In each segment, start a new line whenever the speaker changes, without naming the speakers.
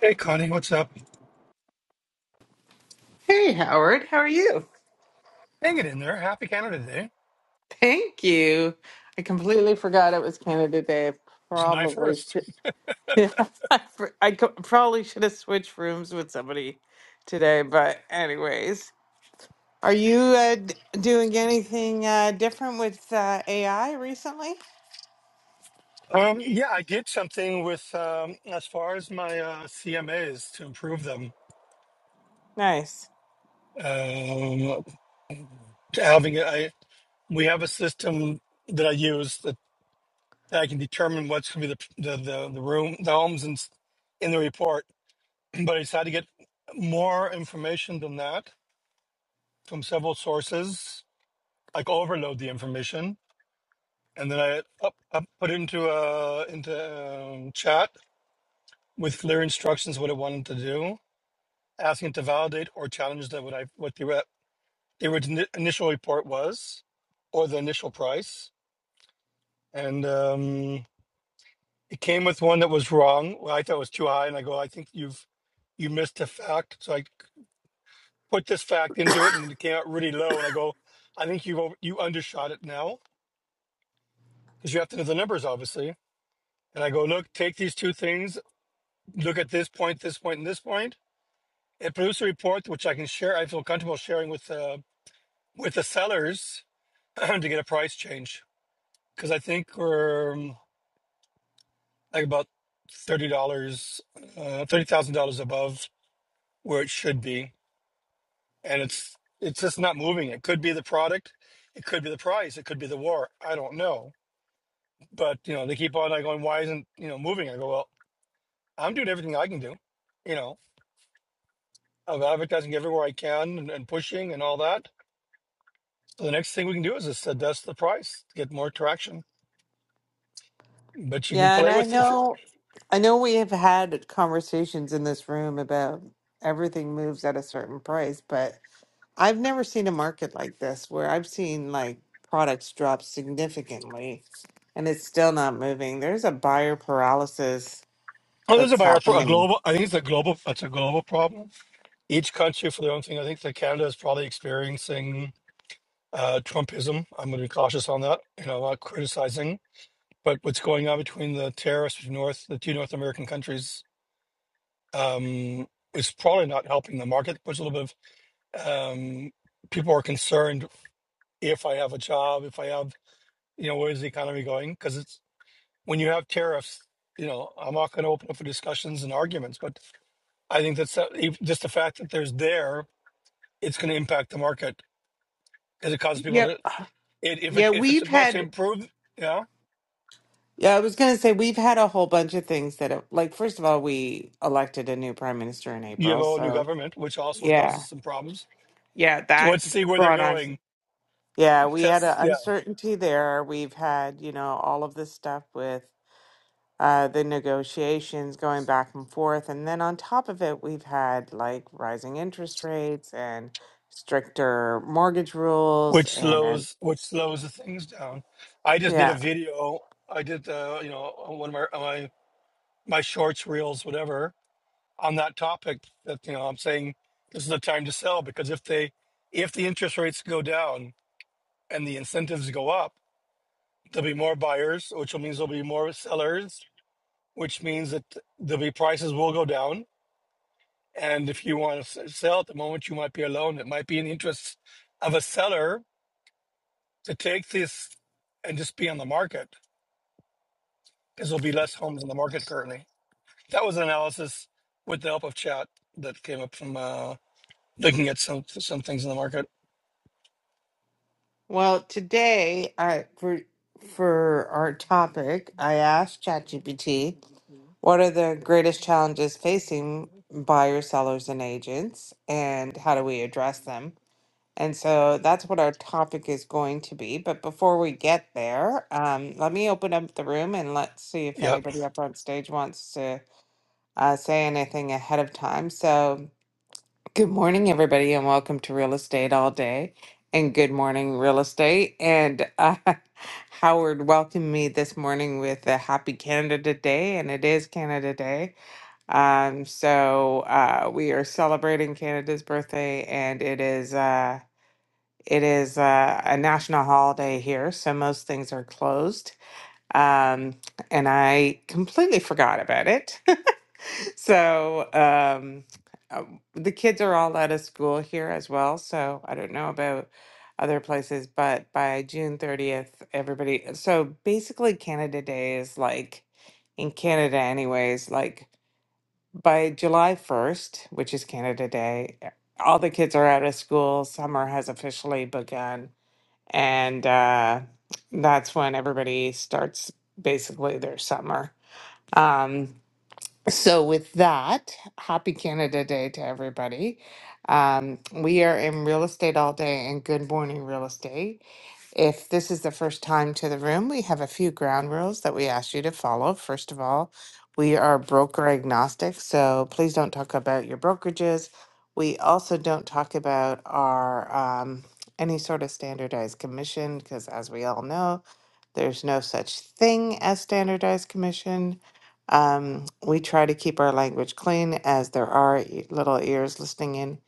Hey, Connie, what's up?
Hey, Howard, how are you?
Hanging in there. Happy Canada Day,
Thank you. I completely forgot it was Canada Day. I
July
Probably,
1st.
yeah, I, fr- I co- probably should have switched rooms with somebody today. But, anyways, are you uh, d- doing anything uh, different with uh, AI recently?
Um, yeah, I did something with, um, as far as my uh, CMAs to improve them.
Nice.
Um, to having it, I, we have a system that I use that I can determine what's going to be the, the, the, the room, the homes in, in the report. But I decided to get more information than that from several sources, like overload the information. And then I up, up, put it into uh, into um, chat with clear instructions what it wanted to do, asking it to validate or challenge that what I what the re- the orig- initial report was, or the initial price, and um, it came with one that was wrong. Well, I thought it was too high, and I go, I think you've you missed a fact. So I put this fact into it, and it came out really low. And I go, I think you over you undershot it now because you have to know the numbers, obviously. And I go, look, take these two things, look at this point, this point, and this point. It produced a report which I can share. I feel comfortable sharing with. Uh, with the sellers to get a price change because I think we're um, like about thirty dollars, uh, thirty thousand dollars above where it should be, and it's it's just not moving. It could be the product, it could be the price, it could be the war. I don't know, but you know they keep on like going. Why isn't you know moving? I go well. I'm doing everything I can do, you know, of advertising everywhere I can and, and pushing and all that. So the next thing we can do is just adjust the price to get more traction. But you can
Yeah, and
play
I
with it.
know, I know we have had conversations in this room about everything moves at a certain price, but I've never seen a market like this where I've seen like products drop significantly and it's still not moving. There's a buyer paralysis
Oh, there's a
that's
buyer, a
happening.
global. I think it's a global. It's a global problem. Each country for their own thing. I think that Canada is probably experiencing uh, Trumpism. I'm going to be cautious on that. You know, I'm not criticizing, but what's going on between the tariffs between North, the two North American countries, um, is probably not helping the market. There's a little bit of um, people are concerned if I have a job, if I have, you know, where's the economy going? Because it's when you have tariffs. You know, I'm not going to open up for discussions and arguments, but I think that's uh, if- just the fact that there's there, it's going to impact the market because it causes people
Yep.
to. It, if it
Yeah,
if it's
we've
supposed to
had
improve, yeah,
Yeah, I was going to say we've had a whole bunch of things that have, like first of all we elected a new prime minister in
you have a
April,
whole new
so
government, which also
yeah.
causes some problems.
Yeah,
So
that
Let's see where they're
brought on
going.
Yeah, we had
Test,
an
yeah,
uncertainty there. We've had, you know, all of this stuff with uh, the negotiations going back and forth. And then on top of it, we've had like rising interest rates and stricter mortgage rules.
which
And
slows which slows the things down. I just did a
yeah,
video. I did uh, you know one of my my my shorts, reels, whatever, on that topic. That you know, I'm saying this is the time to sell because if they if the interest rates go down and the incentives go up There'll be more buyers, which means there'll be more sellers, which means that there'll be prices will go down. And if you want to sell at the moment, you might be alone. It might be in the interest of a seller to take this and just be on the market because there'll be less homes on the market currently. That was an analysis with the help of chat that came up from uh, looking at some some things in the market.
well, today I for for our topic, I asked ChatGPT, what are the greatest challenges facing buyers, sellers, and agents, and how do we address them? And so that's what our topic is going to be. But before we get there, um, let me open up the room and let's see if
Yeah.
anybody up on stage wants to uh, say anything ahead of time. So, good morning, everybody, and welcome to Real Estate All Day. And good morning, Real Estate. And uh, Howard welcomed me this morning with a happy Canada Day, and it is Canada Day. Um, so, uh, we are celebrating Canada's birthday, and it is. Uh, it is uh, a national holiday here, so most things are closed. Um, and I completely forgot about it. so um, uh, the kids are all out of school here as well. So I don't know about other places, but by June 30th, everybody. So basically, Canada Day is like in Canada, anyways, like by July 1st, which is Canada Day, all the kids are out of school. Summer has officially begun and uh, that's when everybody starts basically their summer. Um, so, with that, happy Canada Day to everybody. Um, we are in real estate all day, and good morning, real estate. If this is the first time to the room, we have a few ground rules that we ask you to follow. First of all, we are broker agnostic, so please don't talk about your brokerages. We also don't talk about our um, any sort of standardized commission because, as we all know, there's no such thing as standardized commission. Um, we try to keep our language clean as there are e- little ears listening in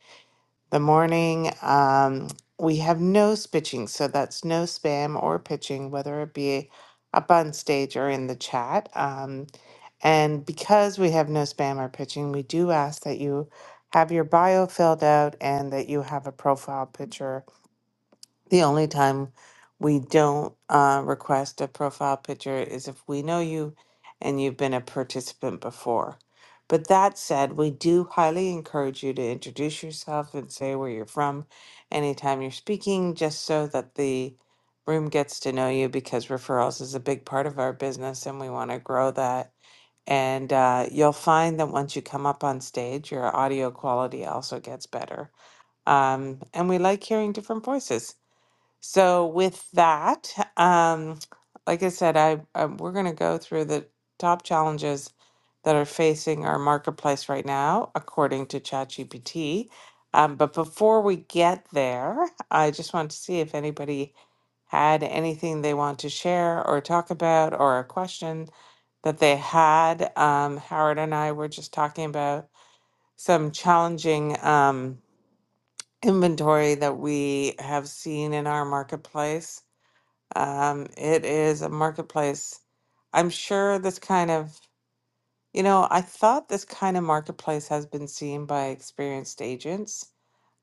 the morning. Um, we have no pitching, so that's no spam or pitching, whether it be up on stage or in the chat. Um, and because we have no spam or pitching, we do ask that you have your bio filled out and that you have a profile picture the only time we don't uh, request a profile picture is if we know you and you've been a participant before. But that said, we do highly encourage you to introduce yourself and say where you're from anytime you're speaking, just so that the room gets to know you because referrals is a big part of our business and we want to grow that. And uh, you'll find that once you come up on stage, your audio quality also gets better. Um, and we like hearing different voices. So with that, um, like I said, I, I we're going to go through the top challenges that are facing our marketplace right now, according to ChatGPT. Um, but before we get there, I just want to see if anybody had anything they want to share or talk about or a question that they had. Um, Howard and I were just talking about some challenging um, inventory that we have seen in our marketplace um, it is a marketplace. I'm sure this kind of, you know, I thought this kind of marketplace has been seen by experienced agents.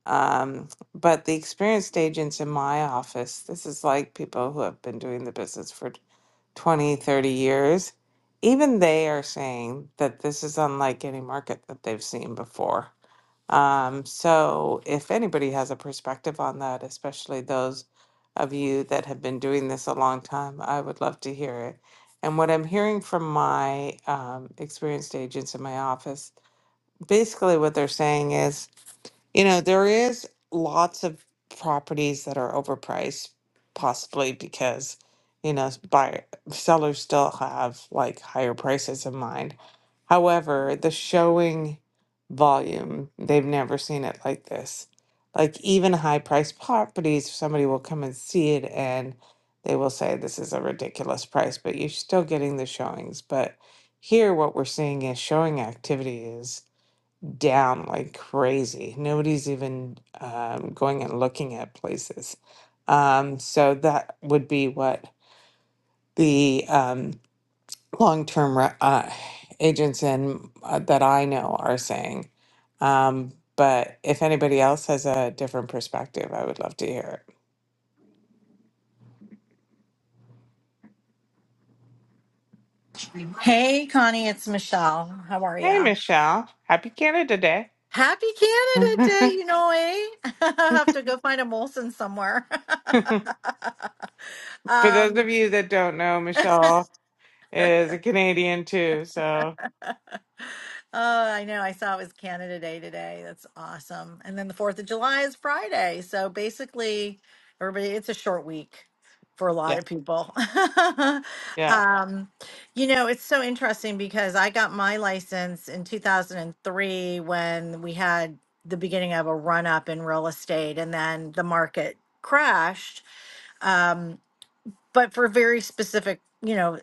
Um, but the experienced agents in my office, this is like people who have been doing the business for 20, 30 years. Even they are saying that this is unlike any market that they've seen before. Um, so if anybody has a perspective on that, especially those of you that have been doing this a long time, I would love to hear it. And what I'm hearing from my um, experienced agents in my office, basically what they're saying is you know, there is lots of properties that are overpriced, possibly because, you know, buyer sellers still have like higher prices in mind. However, the showing volume, they've never seen it like this. Like even high priced properties, somebody will come and see it and they will say this is a ridiculous price, but you're still getting the showings. But here what we're seeing is showing activity down like crazy. Nobody's even um, going and looking at places. Um, so that would be what the um, long-term re- uh, agents in uh, that I know are saying. Um, but if anybody else has a different perspective, I would love to hear it.
Hey, Connie, it's Michelle. How are
Hey,
ya?
Michelle, happy Canada Day.
Happy Canada Day, you know, eh? I have to go find a Molson somewhere.
For those
um,
of you that don't know, Michelle is a Canadian too. So,
Oh, I know. I saw it was Canada Day today. That's awesome. And then the 4th of July is Friday. So basically, everybody, it's a short week for a lot of people.
yeah,
um, you know, it's so interesting because I got my license in 2003 when we had the beginning of a run up in real estate and then the market crashed. Um, but for very specific, you know,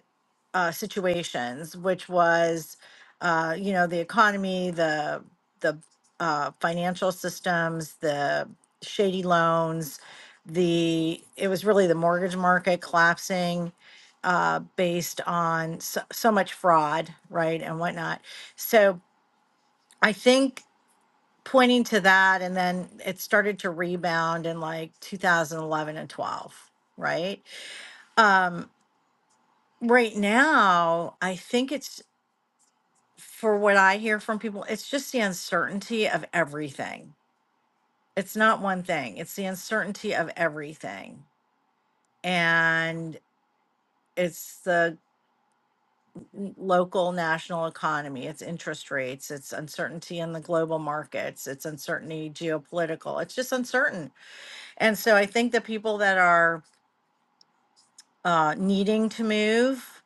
uh, situations, which was, uh, you know, the economy, the the uh, financial systems, the shady loans, the it was really the mortgage market collapsing uh, based on so, so much fraud, right, and whatnot. So I think pointing to that, and then it started to rebound in like 2011 and 12, right? Um, right now, I think it's. for what I hear from people, it's just the uncertainty of everything. It's not one thing, it's the uncertainty of everything. And it's the n- local national economy, it's interest rates, it's uncertainty in the global markets, it's uncertainty geopolitical, it's just uncertain. And so I think the people that are uh, needing to move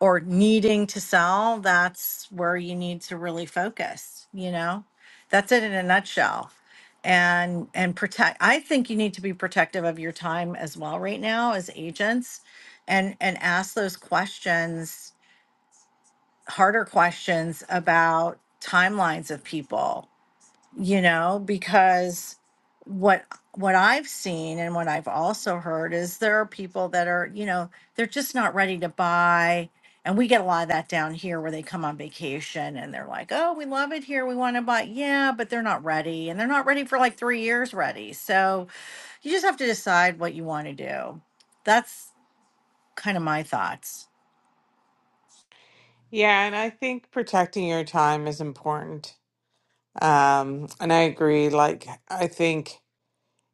or needing to sell, that's where you need to really focus, you know? That's it in a nutshell. And and protect I think you need to be protective of your time as well right now as agents and and ask those questions, harder questions about timelines of people you know because what what i've seen and what i've also heard is there are people that are you know they're just not ready to buy and we get a lot of that down here where they come on vacation and they're like oh we love it here we want to buy yeah but they're not ready and they're not ready for like 3 years ready so you just have to decide what you want to do that's kind of my thoughts
Yeah, and I think protecting your time is important. Um, and I agree. Like, I think,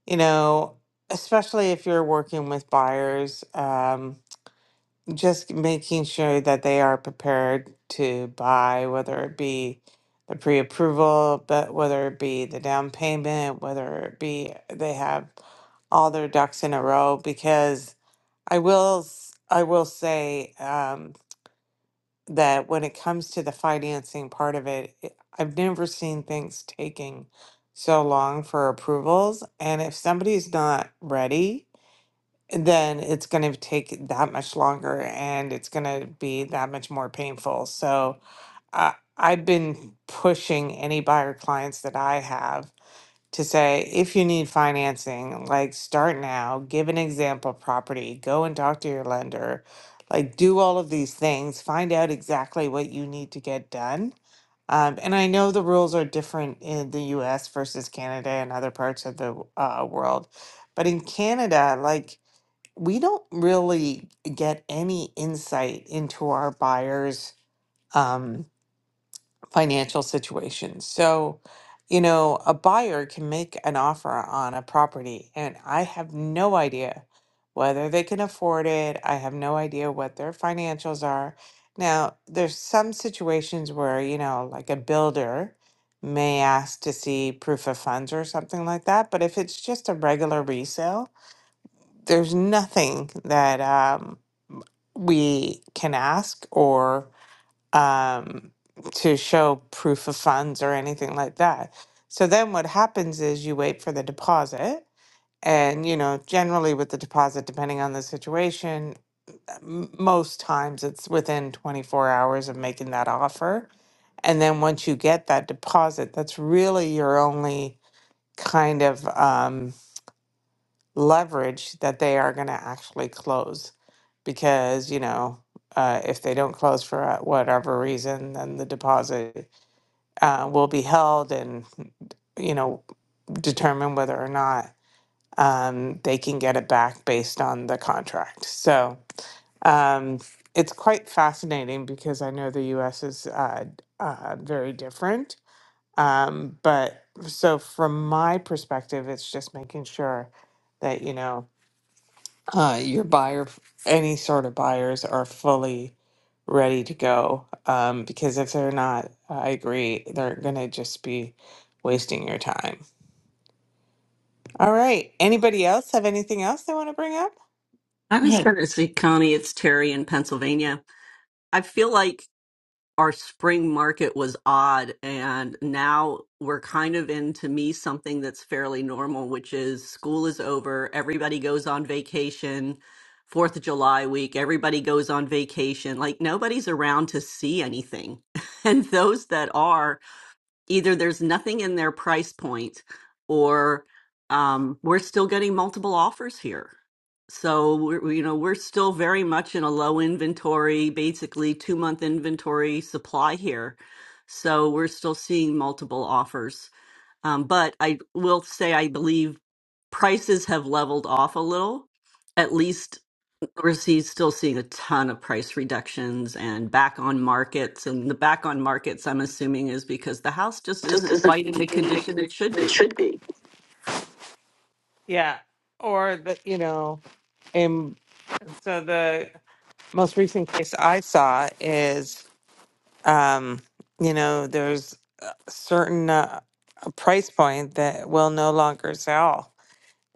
you know, especially if you're working with buyers, um, just making sure that they are prepared to buy, whether it be the pre approval, but whether it be the down payment, whether it be they have all their ducks in a row. Because I will, s- I will say, um, that when it comes to the financing part of it, it- I've never seen things taking so long for approvals. And if somebody's not ready, then it's going to take that much longer and it's going to be that much more painful. So I I've been pushing any buyer clients that I have to say if you need financing, like start now, give an example property, go and talk to your lender, like do all of these things, find out exactly what you need to get done. Um, and I know the rules are different in the US versus Canada and other parts of the uh, world. But in Canada, like, we don't really get any insight into our buyers' um, financial situation. So, you know, a buyer can make an offer on a property, and I have no idea whether they can afford it. I have no idea what their financials are. Now, there's some situations where, you know, like a builder may ask to see proof of funds or something like that. But if it's just a regular resale, there's nothing that um, we can ask or um, to show proof of funds or anything like that. So then what happens is you wait for the deposit. And, you know, generally with the deposit, depending on the situation, m- most times it's within 24 hours of making that offer. And then once you get that deposit, that's really your only kind of um, leverage that they are going to actually close because you know uh, if they don't close for uh, whatever reason then the deposit uh, will be held and you know determine whether or not um, they can get it back based on the contract so um, it's quite fascinating because i know the us is uh, uh, very different um, but so from my perspective it's just making sure that you know uh, your buyer, any sort of buyers are fully ready to go. Um, because if they're not, I agree, they're gonna just be wasting your time. All right. Anybody else have anything else they want to bring up?
I was
Hey,
going to say, Connie, it's Terry in Pennsylvania. I feel like our spring market was odd, and now we're kind of in, to me, something that's fairly normal, which is school is over, everybody goes on vacation. Fourth of July week, everybody goes on vacation. Like nobody's around to see anything. And those that are, either there's nothing in their price point or um, we're still getting multiple offers here. So we're, we- you know, we're still very much in a low inventory, basically two month inventory supply here. So we're still seeing multiple offers. Um, but I will say, I believe prices have leveled off a little, at least we're still seeing a ton of price reductions and back on markets. And the back on markets, I'm assuming, is because the house just
Just
isn't
isn't
quite in the
like
condition it should
it
be.
should be. Yeah. Or the, you know, and so the most recent case I saw is, um, you know, there's a certain uh, a price point that will no longer sell.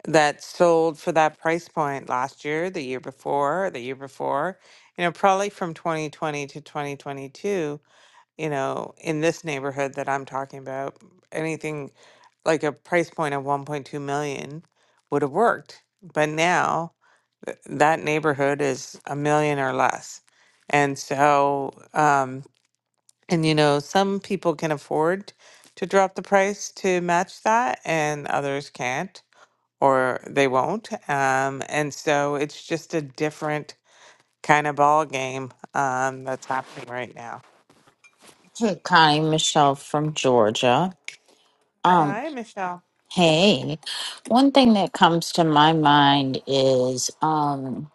that sold for that price point last year, the year before, the year before, you know, probably from 2020 to 2022, you know, in this neighborhood that I'm talking about, anything like a price point of 1.2 million would have worked. But now th- that neighborhood is a million or less. And so, um, and you know, some people can afford to drop the price to match that and others can't or they won't. Um, and so it's just a different kind of ball game um, that's happening right now.
hey, Connie, Michelle from Georgia. Um,
Hi, Michelle.
hey, one thing that comes to my mind is um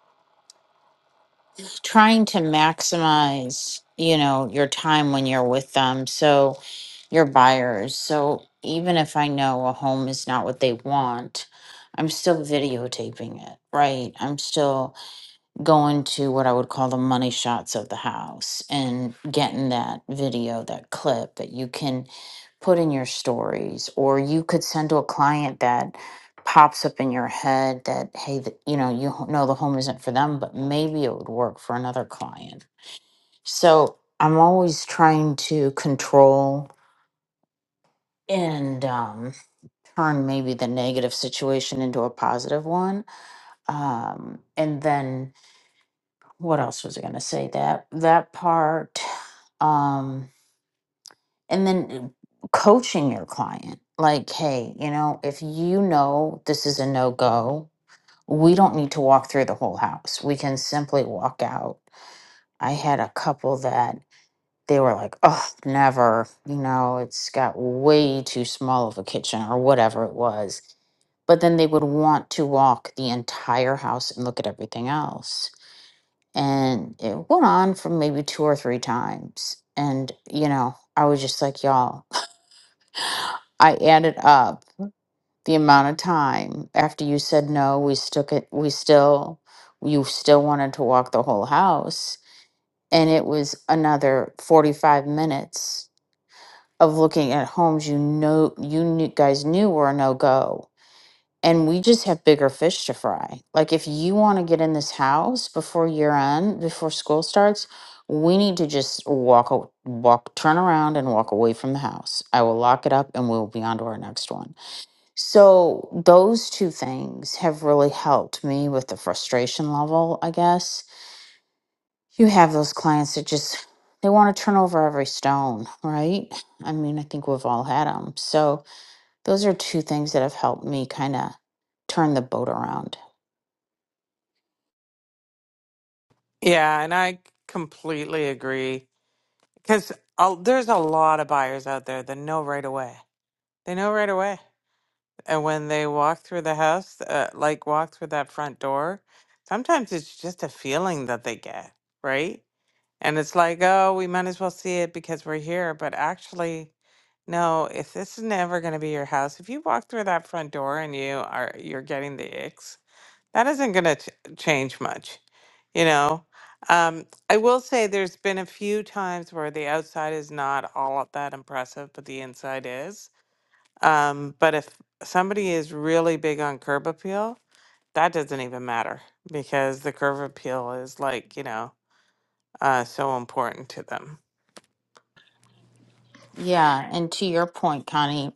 trying to maximize, you know, your time when you're with them. So your buyers. So even if I know a home is not what they want, I'm still videotaping it, right? I'm still going to what I would call the money shots of the house and getting that video, that clip that you can put in your stories or you could send to a client that pops up in your head that hey th- you know you h- know the home isn't for them but maybe it would work for another client so i'm always trying to control and um, turn maybe the negative situation into a positive one um, and then what else was i going to say that that part Um, and then uh, coaching your client like hey you know if you know this is a no-go we don't need to walk through the whole house we can simply walk out i had a couple that they were like oh never you know it's got way too small of a kitchen or whatever it was but then they would want to walk the entire house and look at everything else. And it went on for maybe two or three times. And, you know, I was just like, y'all, I added up the amount of time after you said no, we stuck it we still you still wanted to walk the whole house and it was another 45 minutes of looking at homes you know you knew, guys knew were a no-go and we just have bigger fish to fry like if you want to get in this house before year end before school starts we need to just walk a- walk turn around and walk away from the house i will lock it up and we will be on to our next one so those two things have really helped me with the frustration level, I guess. You have those clients that just they want to turn over every stone, right? I mean, I think we've all had them. So those are two things that have helped me kind of turn the boat around.
Yeah, and I completely agree because there's a lot of buyers out there that know right away. They know right away, and when they walk through the house, uh, like walk through that front door, sometimes it's just a feeling that they get, right? And it's like, oh, we might as well see it because we're here. But actually, no, if this is never going to be your house, if you walk through that front door and you are you're getting the icks, that isn't going to change much, you know. Um, I will say there's been a few times where the outside is not all that impressive, but the inside is. Um, but if somebody is really big on curb appeal, that doesn't even matter because the curb appeal is like, you know, uh, so important to them.
Yeah, and to your point, Connie,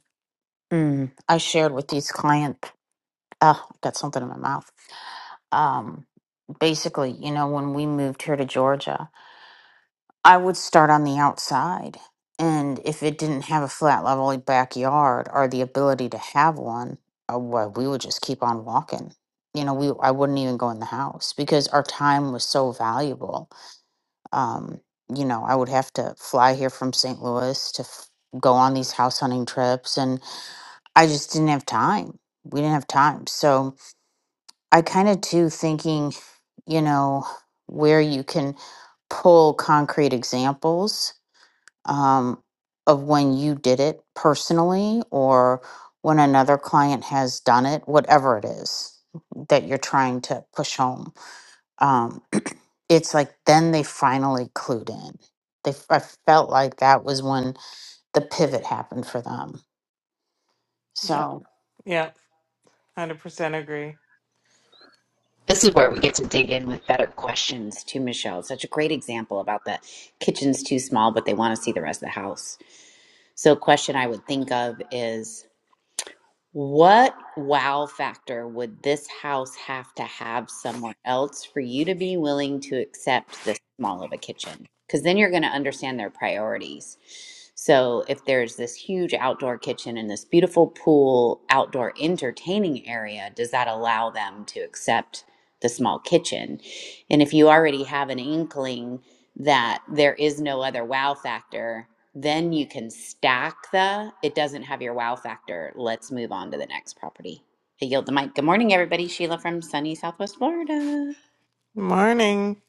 mm, I shared with these clients. Uh, got something in my mouth. Um, basically, you know, when we moved here to Georgia, I would start on the outside, and if it didn't have a flat level backyard or the ability to have one, uh, well, we would just keep on walking. You know, we I wouldn't even go in the house because our time was so valuable. Um, you know, I would have to fly here from St. Louis to f- go on these house hunting trips and I just didn't have time. We didn't have time. So I kind of too thinking, you know, where you can pull concrete examples um, of when you did it personally or when another client has done it, whatever it is that you're trying to push home. Um, it's like then they finally clued in. They, f- I felt like that was when the pivot happened for them.
Yep.
So
Yep. 100% agree.
This is where we get to dig in with better questions to Michelle. Such a great example about the kitchen's too small, but they want to see the rest of the house. So, a question I would think of is what wow factor would this house have to have somewhere else for you to be willing to accept this small of a kitchen? Because then you're going to understand their priorities. So, if there's this huge outdoor kitchen and this beautiful pool, outdoor entertaining area, does that allow them to accept the small kitchen? And if you already have an inkling that there is no other wow factor, then you can stack the, it doesn't have your wow factor. Let's move on to the next property. I yield the mic. Good morning, everybody. Sheila from sunny Southwest Florida.
Morning.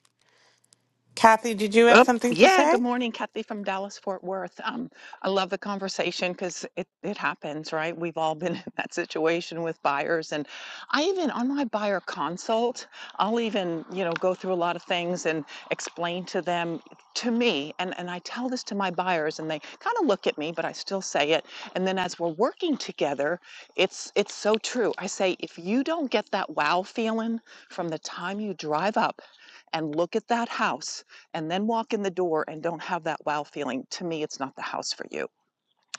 Kathy, did you have
Oh,
something to
yeah.
say?
Good morning, Kathy from Dallas Fort Worth. Um, I love the conversation because it, it happens, right? We've all been in that situation with buyers. And I even, on my buyer consult, I'll even, you know, go through a lot of things and explain to them, to me, and, and I tell this to my buyers and they kind of look at me, but I still say it. And then as we're working together, it's, it's so true. I say, if you don't get that wow feeling from the time you drive up, and look at that house and then walk in the door and don't have that wow feeling, to me, it's not the house for you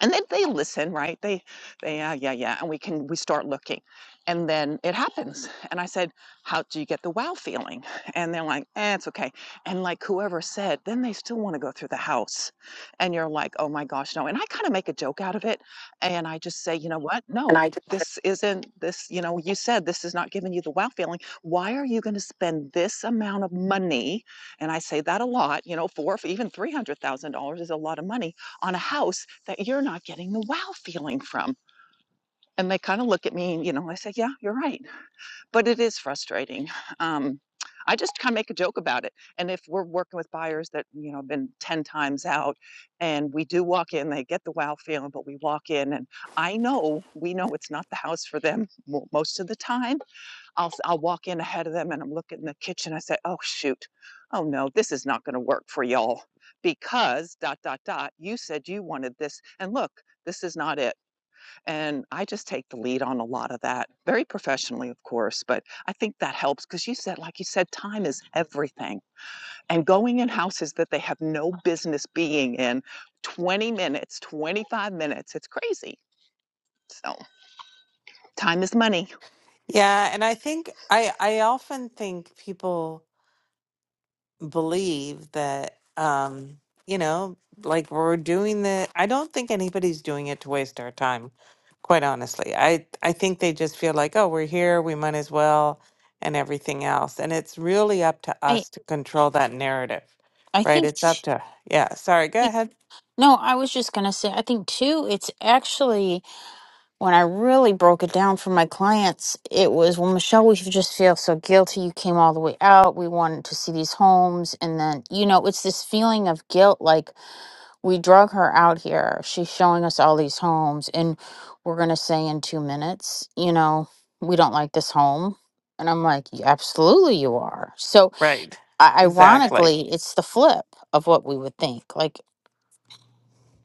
and they, they listen right they they yeah yeah yeah and we can we start looking and then it happens and i said how do you get the wow feeling and they're like eh, it's okay and like whoever said then they still want to go through the house and you're like oh my gosh no and i kind of make a joke out of it and i just say you know what no this isn't this you know you said this is not giving you the wow feeling why are you going to spend this amount of money and i say that a lot you know four even $300000 is a lot of money on a house that you're not getting the wow feeling from. And they kind of look at me and, you know, I say, yeah, you're right. But it is frustrating. Um, I just kind of make a joke about it. And if we're working with buyers that, you know, have been 10 times out and we do walk in, they get the wow feeling, but we walk in and I know, we know it's not the house for them mo- most of the time I'll i I'll walk in ahead of them and I'm looking in the kitchen. I say, "Oh shoot, oh no, this is not going to work for y'all because dot dot dot. You said you wanted this, and look, this is not it." And I just take the lead on a lot of that, very professionally, of course, but I think that helps because you said, like you said, time is everything, and going in houses that they have no business being in, 20 minutes, 25 minutes, it's crazy. So time is money.
Yeah, and I think I I often think people believe that um you know like we're doing the i don't think anybody's doing it to waste our time quite honestly i i think they just feel like oh we're here we might as well and everything else and it's really up to
I
us to control that narrative
I
right
think
it's up to yeah sorry go
t-
ahead
No, I was just going to say, I think too, it's actually when I really broke it down for my clients, it was well, Michelle, we just feel so guilty. You came all the way out. We wanted to see these homes. And then, you know, it's this feeling of guilt like we drug her out here. She's showing us all these homes. And we're going to say in two minutes, you know, we don't like this home. And I'm like, "Yeah, absolutely, you are. So
right
i-
exactly
ironically, it's the flip of what we would think. Like,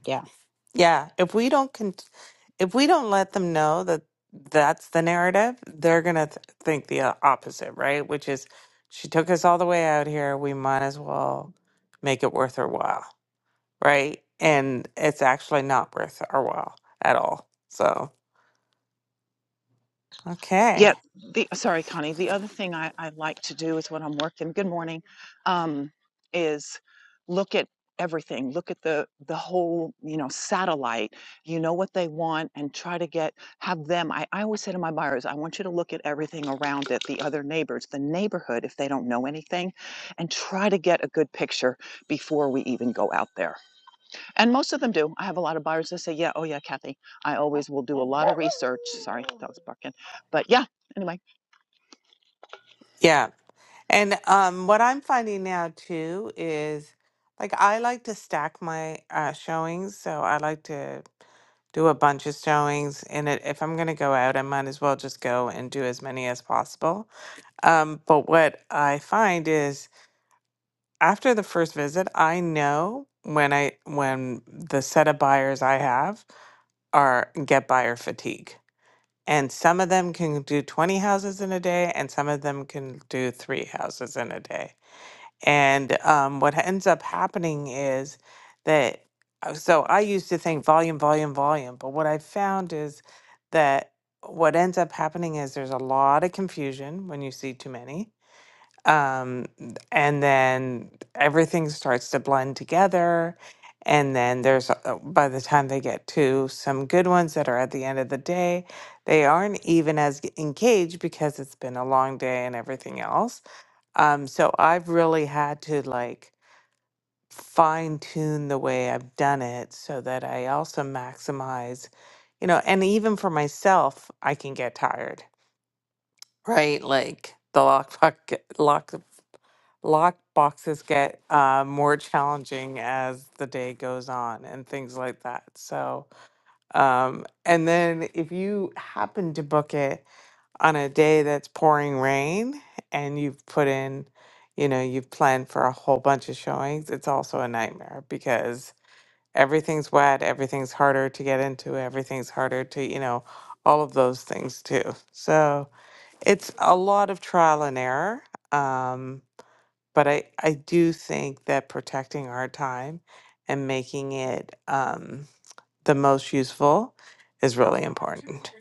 yeah.
Yeah, if we don't con- if we don't let them know that that's the narrative, they're gonna th- think the uh, opposite, right? Which is, she took us all the way out here. We might as well make it worth our while, right? And it's actually not worth our while at all. So okay,
yeah, the sorry, Connie. The other thing I, I like to do is when I'm working. Good morning. Um, is look at everything. Look at the the whole, you know, satellite. You know what they want, and try to get have them. I, I always say to my buyers, I want you to look at everything around it, the other neighbors, the neighborhood, if they don't know anything, and try to get a good picture before we even go out there. And most of them do. I have a lot of buyers that say, yeah, oh yeah, Kathy, I always will do a lot of research. Sorry, that was barking. But yeah, anyway.
yeah. And um, what I'm finding now too is, like, I like to stack my uh, showings, so I like to. do a bunch of showings and it, if i'm going to go out i might as well just go and do as many as possible um, but what i find is after the first visit i know when i when the set of buyers i have are get buyer fatigue and some of them can do 20 houses in a day and some of them can do three houses in a day and um, what ends up happening is that, uh, so I used to think volume, volume, volume, but what I found is that what ends up happening is there's a lot of confusion when you see too many um, and then everything starts to blend together. And then there's, uh, by the time they get to some good ones that are at the end of the day, they aren't even as g- engaged because it's been a long day and everything else. Um, so I've really had to like fine tune the way I've done it so that I also maximize, you know, and even for myself, I can get tired, right? Like the lockbox, Locked boxes get uh, more challenging as the day goes on and things like that. So, um, and then if you happen to book it on a day that's pouring rain and you've put in, you know, you've planned for a whole bunch of showings, it's also a nightmare because everything's wet, everything's harder to get into, everything's harder to, you know, all of those things too. So it's a lot of trial and error. Um, but I, I do think that protecting our time and making it um, the most useful is really important.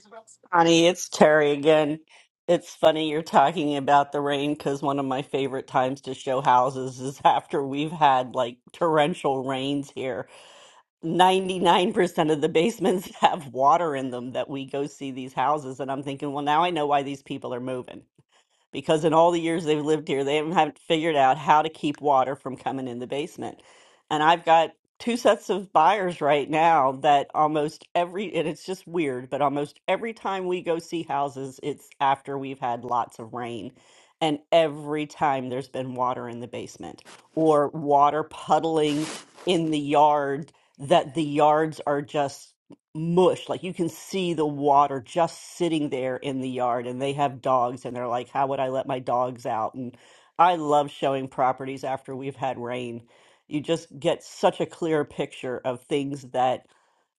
Connie, it's Terry again. It's funny you're talking about the rain because one of my favorite times to show houses is after we've had like torrential rains here. 99% of the basements have water in them that we go see these houses. And I'm thinking, well, now I know why these people are moving. because in all the years they've lived here, they haven't haven't figured out how to keep water from coming in the basement. And I've got two sets of buyers right now that almost every, and it's just weird, but almost every time we go see houses, it's after we've had lots of rain. And every time there's been water in the basement or water puddling in the yard, that the yards are just mush. Like you can see the water just sitting there in the yard, and they have dogs, and they're like, How would I let my dogs out? And I love showing properties after we've had rain. You just get such a clear picture of things that,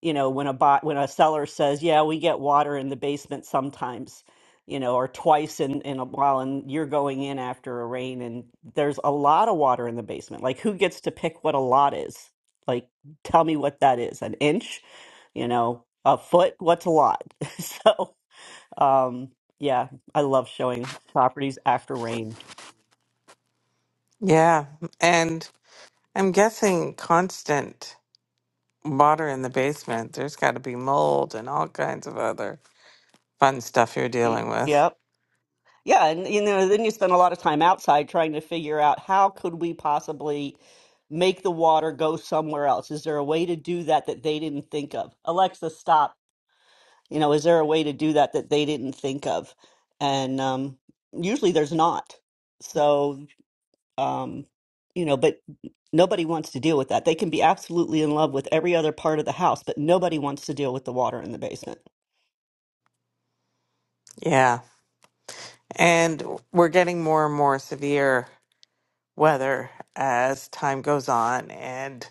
you know, when a bot when a seller says, Yeah, we get water in the basement sometimes, you know, or twice in, in a while, and you're going in after a rain and there's a lot of water in the basement. Like who gets to pick what a lot is? Like tell me what that is, an inch? you know a foot what's a lot so um yeah i love showing properties after rain
Yeah. And I'm guessing constant water in the basement, there's got to be mold and all kinds of other fun stuff you're
Y-
dealing with.
yep yeah and you know then you spend a lot of time outside trying to figure out how could we possibly make the water go somewhere else is there a way to do that that they didn't think of alexa stop you know is there a way to do that that they didn't think of and um usually there's not So. Um, you know, but nobody wants to deal with that. They can be absolutely in love with every other part of the house, but nobody wants to deal with the water in the basement.
Yeah. And we're getting more and more severe weather as time goes on. And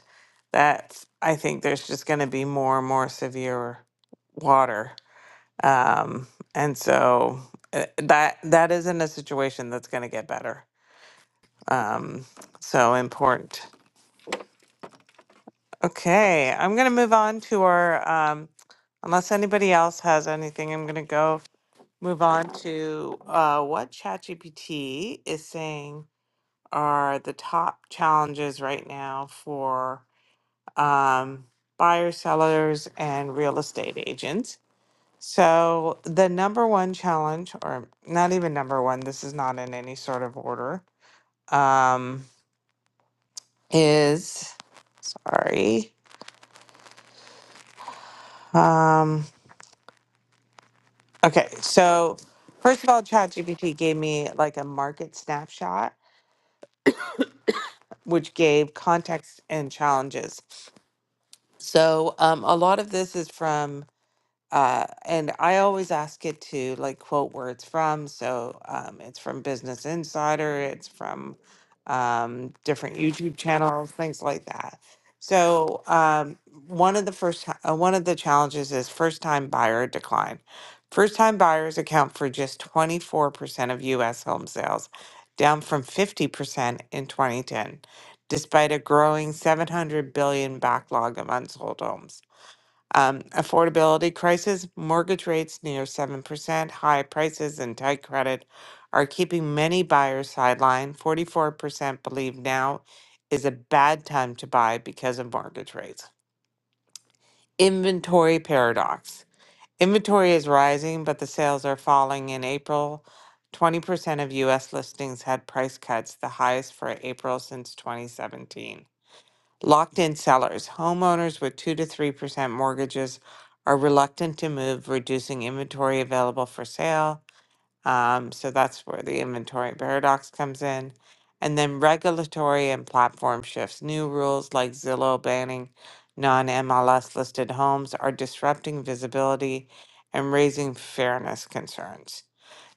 that's, I think there's just going to be more and more severe water. Um, and so uh, that that isn't a situation that's going to get better. Um, so important. Okay, I'm going to move on to our, um, unless anybody else has anything, I'm going to go move on to uh, what ChatGPT is saying are the top challenges right now for um, buyers, sellers, and real estate agents. So, the number one challenge, or not even number one, this is not in any sort of order, um, is sorry. Um, Okay, so first of all, ChatGPT gave me like a market snapshot, which gave context and challenges. So um, a lot of this is from Uh, and I always ask it to like quote where it's from. So um, it's from Business Insider, it's from um, different YouTube channels, things like that. So um, one of the first ti- uh, one of the challenges is first time buyer decline. First time buyers account for just 24% of US home sales, down from 50% in 2010, despite a growing 700 billion backlog of unsold homes. Um, affordability crisis, mortgage rates near 7%, high prices, and tight credit are keeping many buyers sidelined. 44% believe now is a bad time to buy because of mortgage rates. Inventory paradox. Inventory is rising, but the sales are falling. In April, 20% of US listings had price cuts, the highest for April since 2017. Locked in sellers. Homeowners with 2 to 3% mortgages are reluctant to move, reducing inventory available for sale. Um, so that's where the inventory paradox comes in. And then regulatory and platform shifts. New rules like Zillow banning non MLS listed homes are disrupting visibility and raising fairness concerns.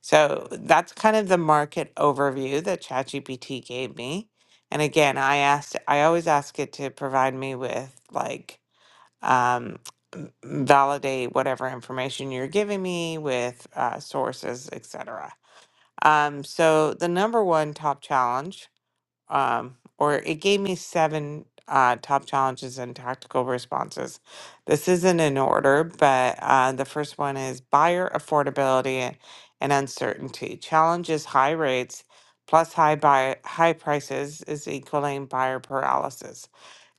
So that's kind of the market overview that ChatGPT gave me. And again, I asked, I always ask it to provide me with like um, m- validate whatever information you're giving me with uh, sources, etc. Um, so the number one top challenge um, or it gave me seven uh, top challenges and tactical responses. This isn't in order, but uh, the first one is buyer affordability and uncertainty. Challenges high rates plus high buy high prices is equaling buyer paralysis.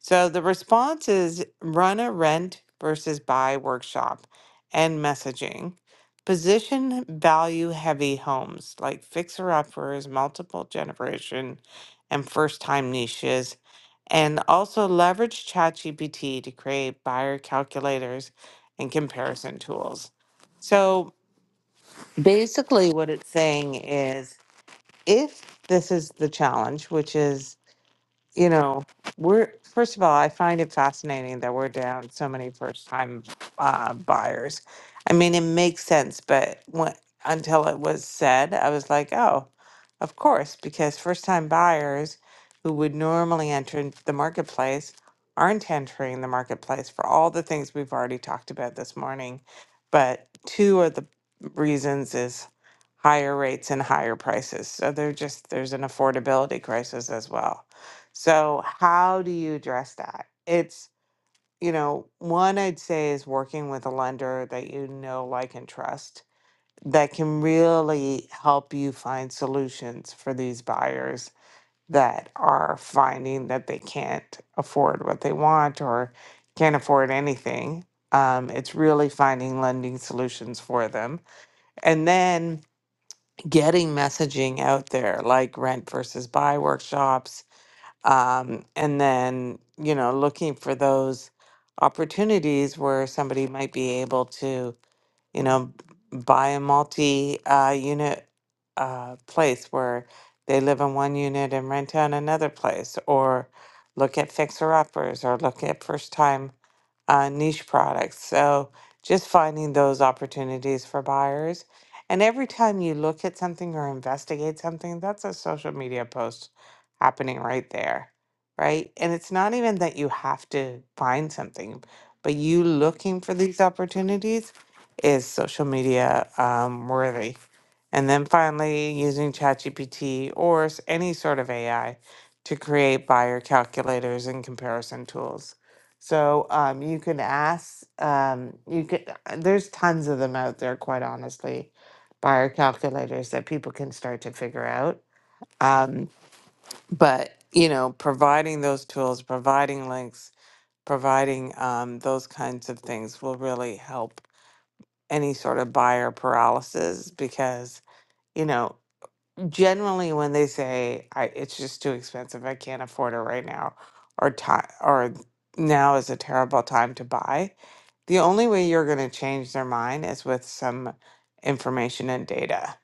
So the response is run a rent versus buy workshop and messaging. Position value heavy homes like fixer uppers, multiple generation and first time niches, and also leverage ChatGPT to create buyer calculators and comparison tools. So basically, what it's saying is if this is the challenge, which is you know, we're first of all, I find it fascinating that we're down so many first time uh, buyers. I mean, it makes sense, but when, until it was said, I was like, oh, of course, because first time buyers who would normally enter in- the marketplace aren't entering the marketplace for all the things we've already talked about this morning. But two of the reasons is higher rates and higher prices. So they're just, there's an affordability crisis as well. So, how do you address that? It's, you know, one I'd say is working with a lender that you know, like, and trust that can really help you find solutions for these buyers that are finding that they can't afford what they want or can't afford anything. Um, it's really finding lending solutions for them. And then getting messaging out there, like rent versus buy workshops um, and then, you know, looking for those opportunities where somebody might be able to you know, buy a multi uh, unit uh, place where they live in one unit and rent out another place, or look at fixer uppers, or look at first time uh, niche products. So just finding those opportunities for buyers. And every time you look at something or investigate something, that's a social media post happening right there, right? And it's not even that you have to find something, but you looking for these opportunities is social media um, worthy? And then finally, using ChatGPT or s- any sort of AI to create buyer calculators and comparison tools. So um, you can ask. Um, you could. There's tons of them out there, quite honestly, buyer calculators that people can start to figure out. Um, but you know, providing those tools, providing links, providing um, those kinds of things will really help any sort of buyer paralysis because you know generally when they say I, it's just too expensive i can't afford it right now or time or now is a terrible time to buy the only way you're going to change their mind is with some information and data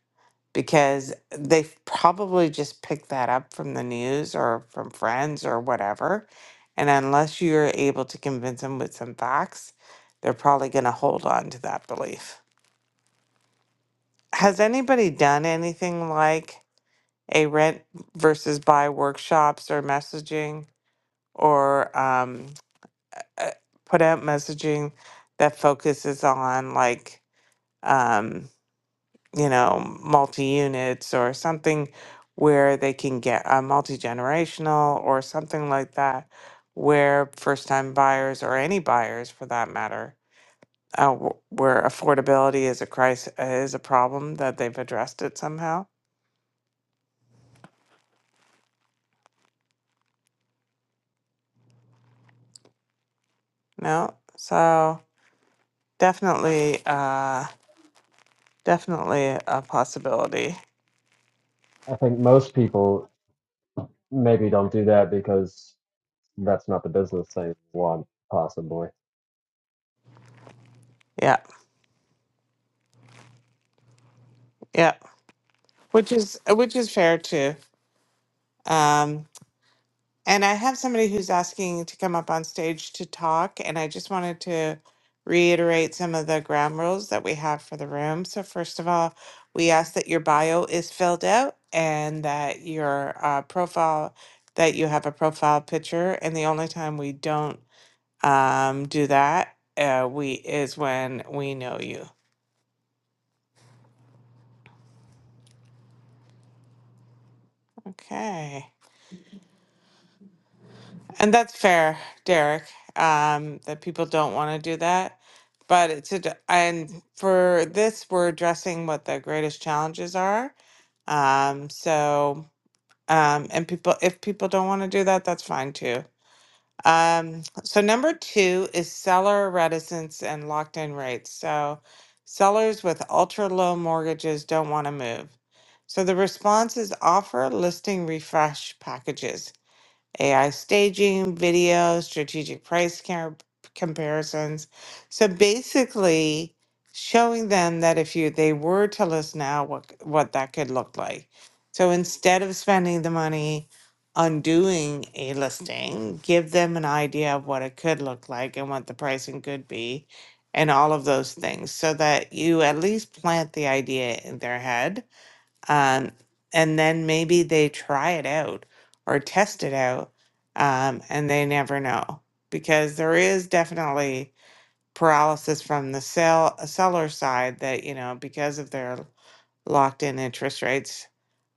because they've probably just picked that up from the news or from friends or whatever and unless you're able to convince them with some facts they're probably going to hold on to that belief has anybody done anything like a rent versus buy workshops or messaging or um, uh, put out messaging that focuses on like um, you know multi units or something where they can get a multi generational or something like that where first time buyers or any buyers for that matter uh, wh- where affordability is a crisis is a problem that they've addressed it somehow No. So definitely, uh, definitely a possibility.
I think most people maybe don't do that because that's not the business they want, possibly.
Yeah. Yeah. Which is which is fair too. Um, and I have somebody who's asking to come up on stage to talk, and I just wanted to reiterate some of the ground rules that we have for the room. So first of all, we ask that your bio is filled out and that your uh, profile that you have a profile picture. And the only time we don't um, do that, uh, we is when we know you. Okay, and that's fair, Derek. Um, that people don't want to do that, but it's a, d- and for this we're addressing what the greatest challenges are. Um, so um, and people if people don't want to do that, that's fine too. Um, so number two is seller reticence and locked in rates. So sellers with ultra low mortgages don't want to move. So the response is offer listing refresh packages. AI staging, video, strategic price com- comparisons. So basically, showing them that if you they were to list now, what c- what that could look like. So instead of spending the money on doing a listing, give them an idea of what it could look like and what the pricing could be, and all of those things, so that you at least plant the idea in their head um, and then maybe they try it out or test it out, um, and they never know because there is definitely paralysis from the sell seller side that you know because of their locked in interest rates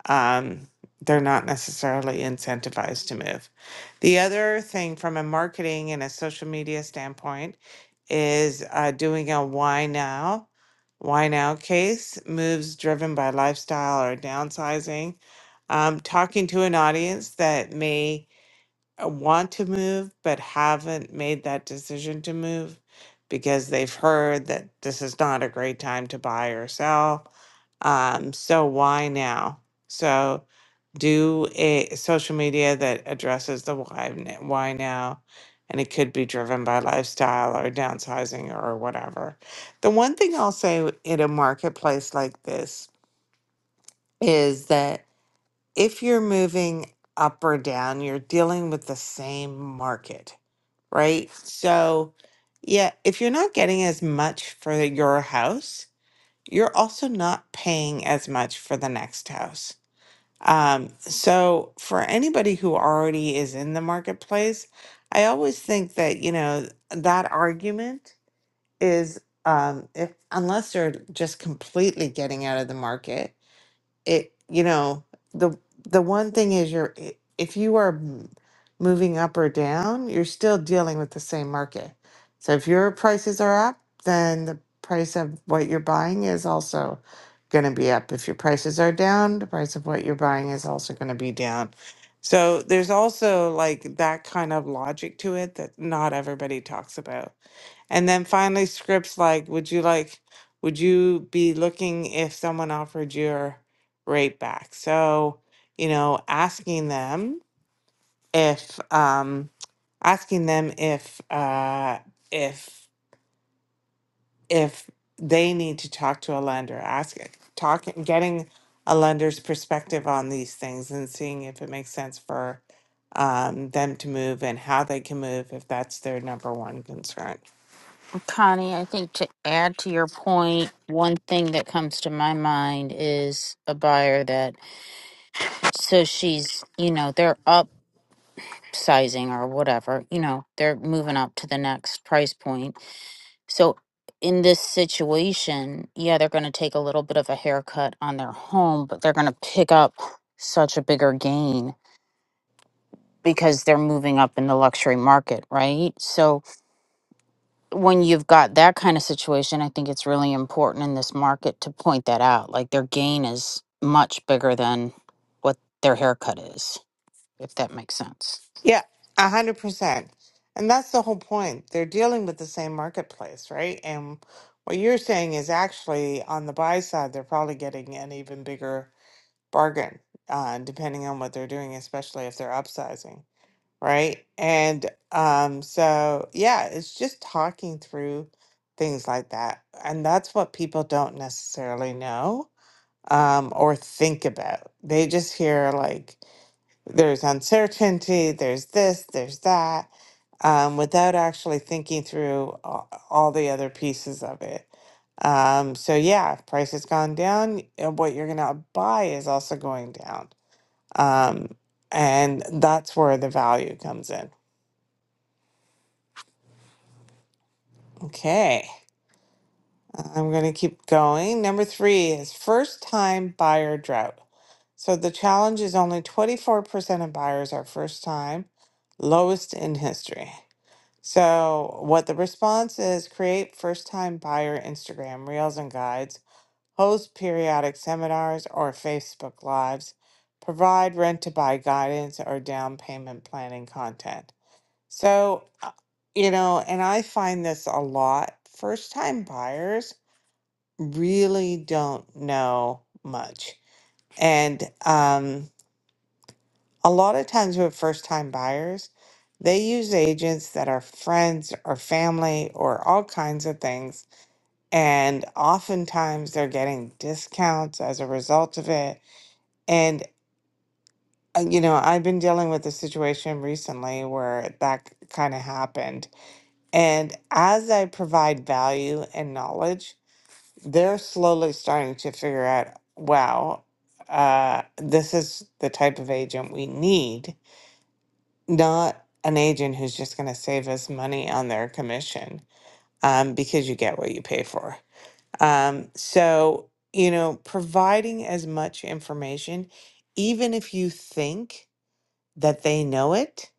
um, they're not necessarily incentivized to move. The other thing from a marketing and a social media standpoint is uh, doing a why now. Why now case moves driven by lifestyle or downsizing. Um, talking to an audience that may uh, want to move but haven't made that decision to move because they've heard that this is not a great time to buy or sell. Um, so why now? So do a social media that addresses the why n- why now and it could be driven by lifestyle or downsizing or whatever. The one thing I'll say in a marketplace like this is that if you're moving up or down, you're dealing with the same market right? So, yeah, if you're not getting as much for your house, you're also not paying as much for the next house. Um, so, for anybody who already is in the marketplace, I always think that, you know, that argument is um, if, unless they're just completely getting out of the market it you know the the one thing is you're i- if you are m- moving up or down you're still dealing with the same market so if your prices are up then the price of what you're buying is also going to be up if your prices are down the price of what you're buying is also going to be down so there's also like that kind of logic to it that not everybody talks about and then finally scripts like would you like would you be looking if someone offered you? right back. So, you know, asking them if um asking them if uh if if they need to talk to a lender, asking talking getting a lender's perspective on these things and seeing if it makes sense for um them to move and how they can move if that's their number one concern.
Connie, I think to add to your point, one thing that comes to my mind is a buyer that, so she's, you know, they're upsizing or whatever, you know, they're moving up to the next price point. So in this situation, yeah, they're going to take a little bit of a haircut on their home, but they're going to pick up such a bigger gain because they're moving up in the luxury market, right? So when you've got that kind of situation, I think it's really important in this market to point that out. Like their gain is much bigger than what their haircut is, if that makes sense.
Yeah, a hundred percent. And that's the whole point. They're dealing with the same marketplace, right? And what you're saying is actually on the buy side, they're probably getting an even bigger bargain, uh, depending on what they're doing, especially if they're upsizing, right? And um, so yeah, it's just talking through things like that. And that's what people don't necessarily know um, or think about. They just hear like there's uncertainty, there's this, there's that, um, without actually thinking through all, all the other pieces of it. Um, so yeah, if price has gone down, uh, what you're gonna buy is also going down. Um, and that's where the value comes in. Okay, I'm gonna keep going. Number three is first time buyer drought. So the challenge is only 24% of buyers are first time, lowest in history. So, what the response is create first time buyer Instagram reels and guides, host periodic seminars or Facebook Lives, provide rent to buy guidance or down payment planning content. So, uh, you know, and I find this a lot. First time buyers really don't know much. And, um. A lot of times with first time buyers, they use agents that are friends or family or all kinds of things. And oftentimes they're getting discounts as a result of it. And, uh, you know, I've been dealing with a situation recently where that kind of happened. And as I provide value and knowledge, they're slowly starting to figure out, wow, uh, this is the type of agent we need not an agent who's just going to save us money on their commission um, because you get what you pay for. Um, so, you know, providing as much information, even if you think that they know it,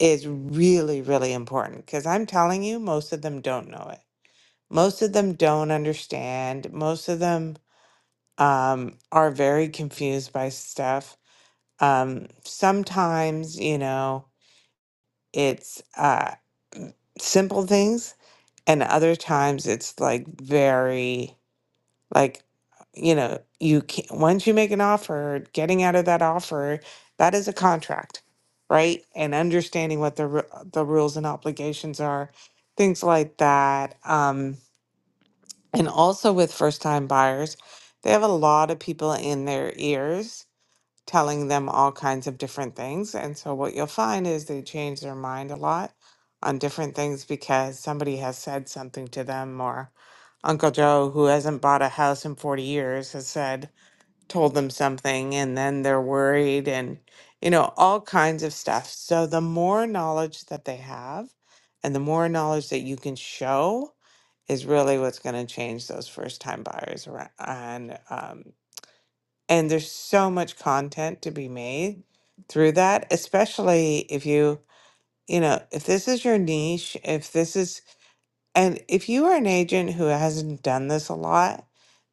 is really, really important because I'm telling you, most of them don't know it. Most of them don't understand. Most of them um, are very confused by stuff. Um, sometimes, you know, it's uh, simple things and other times it's like very like you know you can once you make an offer getting out of that offer that is a contract right and understanding what the ru- the rules and obligations are things like that um and also with first time buyers they have a lot of people in their ears telling them all kinds of different things. And so what you'll find is they change their mind a lot on different things because somebody has said something to them or Uncle Joe, who hasn't bought a house in 40 years, has said, told them something, and then they're worried and, you know, all kinds of stuff. So the more knowledge that they have and the more knowledge that you can show is really what's going to change those first time buyers around, and there's so much content to be made through that, especially if you, you know, if this is your niche, if this is, and if you are an agent who hasn't done this a lot,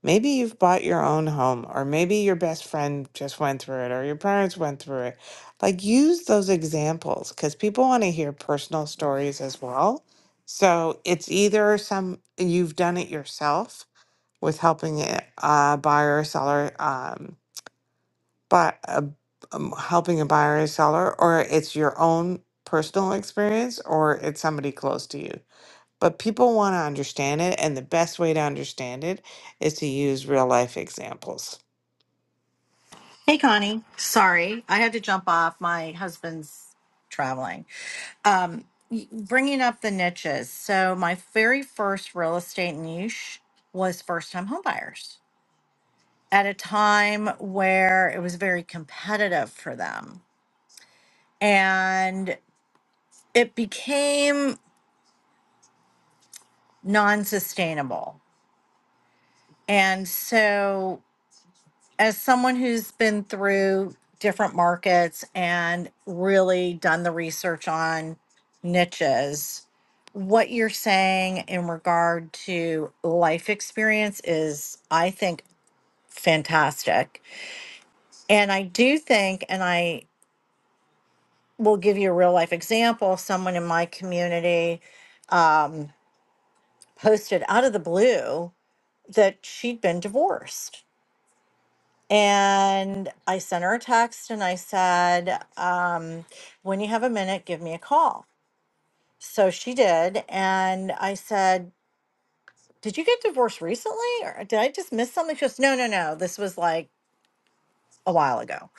maybe you've bought your own home, or maybe your best friend just went through it, or your parents went through it. Like, use those examples because people want to hear personal stories as well. So it's either some you've done it yourself with helping a uh, buyer or seller. Um, by uh, um, helping a buyer or seller, or it's your own personal experience, or it's somebody close to you. But people want to understand it, and the best way to understand it is to use real life examples.
hey connie sorry i had to jump off my husband's traveling um, y- bringing up the niches. So my very first real estate niche was first-time home buyers at a time where it was very competitive for them, and it became non-sustainable. And so as someone who's been through different markets and really done the research on niches, what you're saying in regard to life experience is, I think, fantastic. And I do think, and I will give you a real life example someone in my community um, posted out of the blue that she'd been divorced And I sent her a text and I said, um, when you have a minute, give me a call. So she did. And I said, Did you get divorced recently? Or did I just miss something? She goes, No, no, no. This was like a while ago.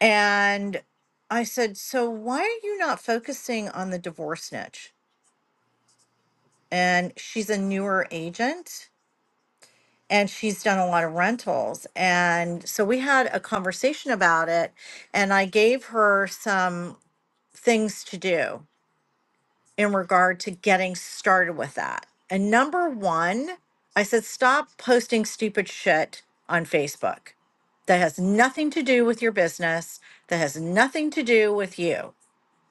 And I said, So why are you not focusing on the divorce niche? And she's a newer agent and she's done a lot of rentals. And so we had a conversation about it and I gave her some. things to do in regard to getting started with that. And number one, I said, stop posting stupid shit on Facebook that has nothing to do with your business, that has nothing to do with you.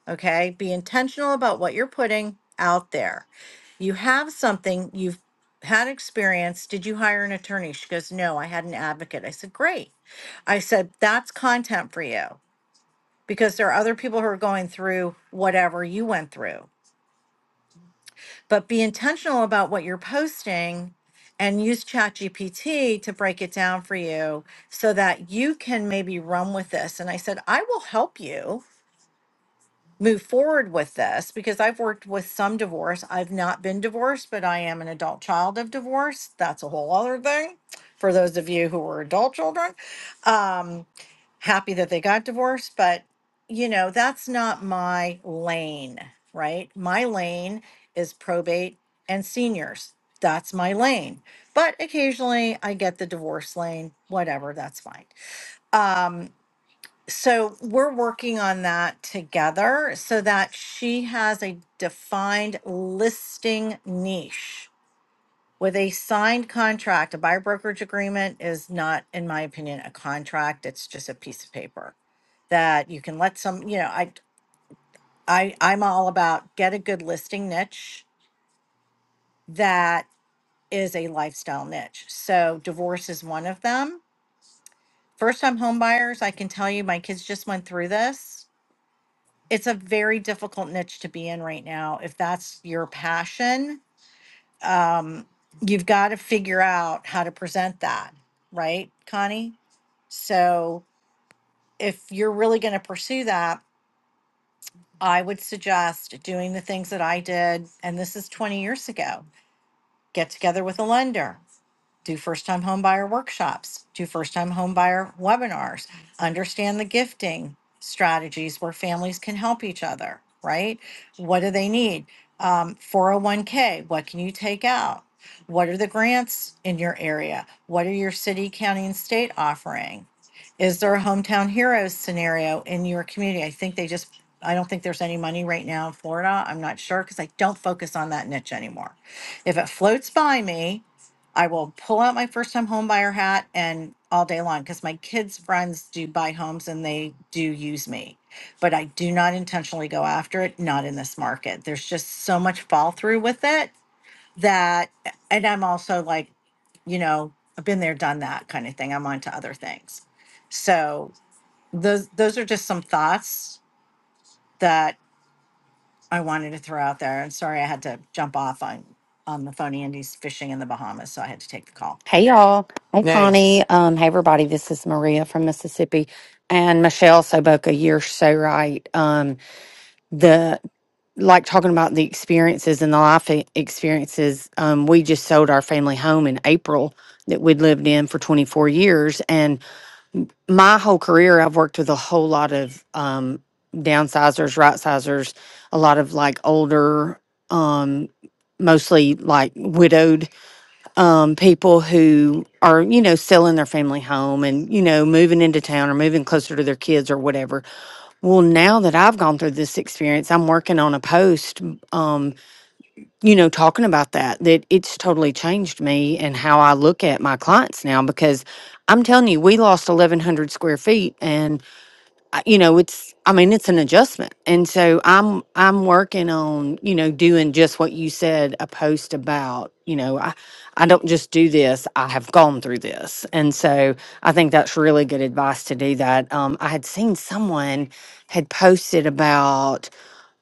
Okay. Be intentional about what you're putting out there. You have something, you've had experience. Did you hire an attorney? She goes, No, I had an advocate. I said, Great. I said, That's content for you because there are other people who are going through whatever you went through. But be intentional about what you're posting and use ChatGPT to break it down for you so that you can maybe run with this. And I said, I will help you move forward with this because I've worked with some divorce. I've not been divorced, but I am an adult child of divorce. That's a whole other thing for those of you who are adult children. Um, happy that they got divorced, but you know, that's not my lane, right? My lane is probate and seniors. That's my lane. But occasionally I get the divorce lane, whatever, that's fine. Um, so we're working on that together so that she has a defined listing niche with a signed contract, a buyer brokerage agreement is not, in my opinion, a contract. It's just a piece of paper that you can let some, you know, I, I, I'm all about get a good listing niche that is a lifestyle niche. So divorce is one of them. First time home buyers, I can tell you, my kids just went through this. It's a very difficult niche to be in right now. If that's your passion, um, you've got to figure out how to present that, right, Connie? So if you're really going to pursue that, I would suggest doing the things that I did, and this is 20 years ago. Get together with a lender, do first time home buyer workshops, do first time home buyer webinars, understand the gifting strategies where families can help each other, right? What do they need? Um, 401k, what can you take out? What are the grants in your area? What are your city, county, and state offering? Is there a hometown heroes scenario in your community? I think they just, I don't think there's any money right now in Florida. I'm not sure because I don't focus on that niche anymore. If it floats by me, I will pull out my first time home buyer hat and all day long because my kids' friends do buy homes and they do use me. But I do not intentionally go after it, not in this market. There's just so much fall through with it that, and I'm also like, you know, I've been there, done that kind of thing. I'm on to other things. So those those are just some thoughts that I wanted to throw out there. And sorry I had to jump off on on the phone. Andy's fishing in the Bahamas, so I had to take the call.
Hey y'all. Hey
Nice.
Connie. Um, hey everybody. This is Maria from Mississippi and Michelle Soboka. You're so right. Um, the like talking about the experiences and the life e- experiences. Um, we just sold our family home in April that we'd lived in for 24 years. And my whole career, I've worked with a whole lot of um, downsizers, right sizers, a lot of like older, um, mostly like widowed um, people who are, you know, selling their family home and, you know, moving into town or moving closer to their kids or whatever. Well, now that I've gone through this experience, I'm working on a post, um, you know, talking about that, that it's totally changed me and how I look at my clients now because I'm telling you, we lost 1,100 square feet. And I- you know it's i mean it's an adjustment and so i'm i'm working on you know doing just what you said a post about you know i i don't just do this i have gone through this and so i think that's really good advice to do that um i had seen someone had posted about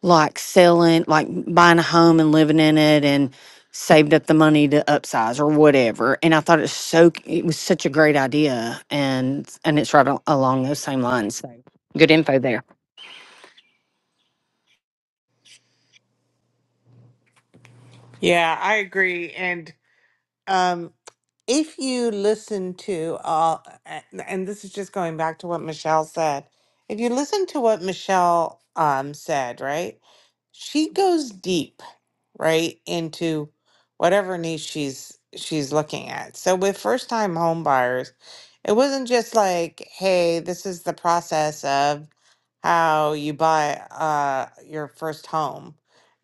like selling like buying a home and living in it and saved up the money to upsize or whatever and i thought it's so it was such a great idea and and it's right al- along those same lines So Good info there.
Yeah, I agree. And um, if you listen to all, a- and this is just going back to what Michelle said, if you listen to what Michelle um, said, right? She goes deep right into whatever niche she's she's looking at so with first time home buyers it wasn't just like hey this is the process of how you buy uh your first home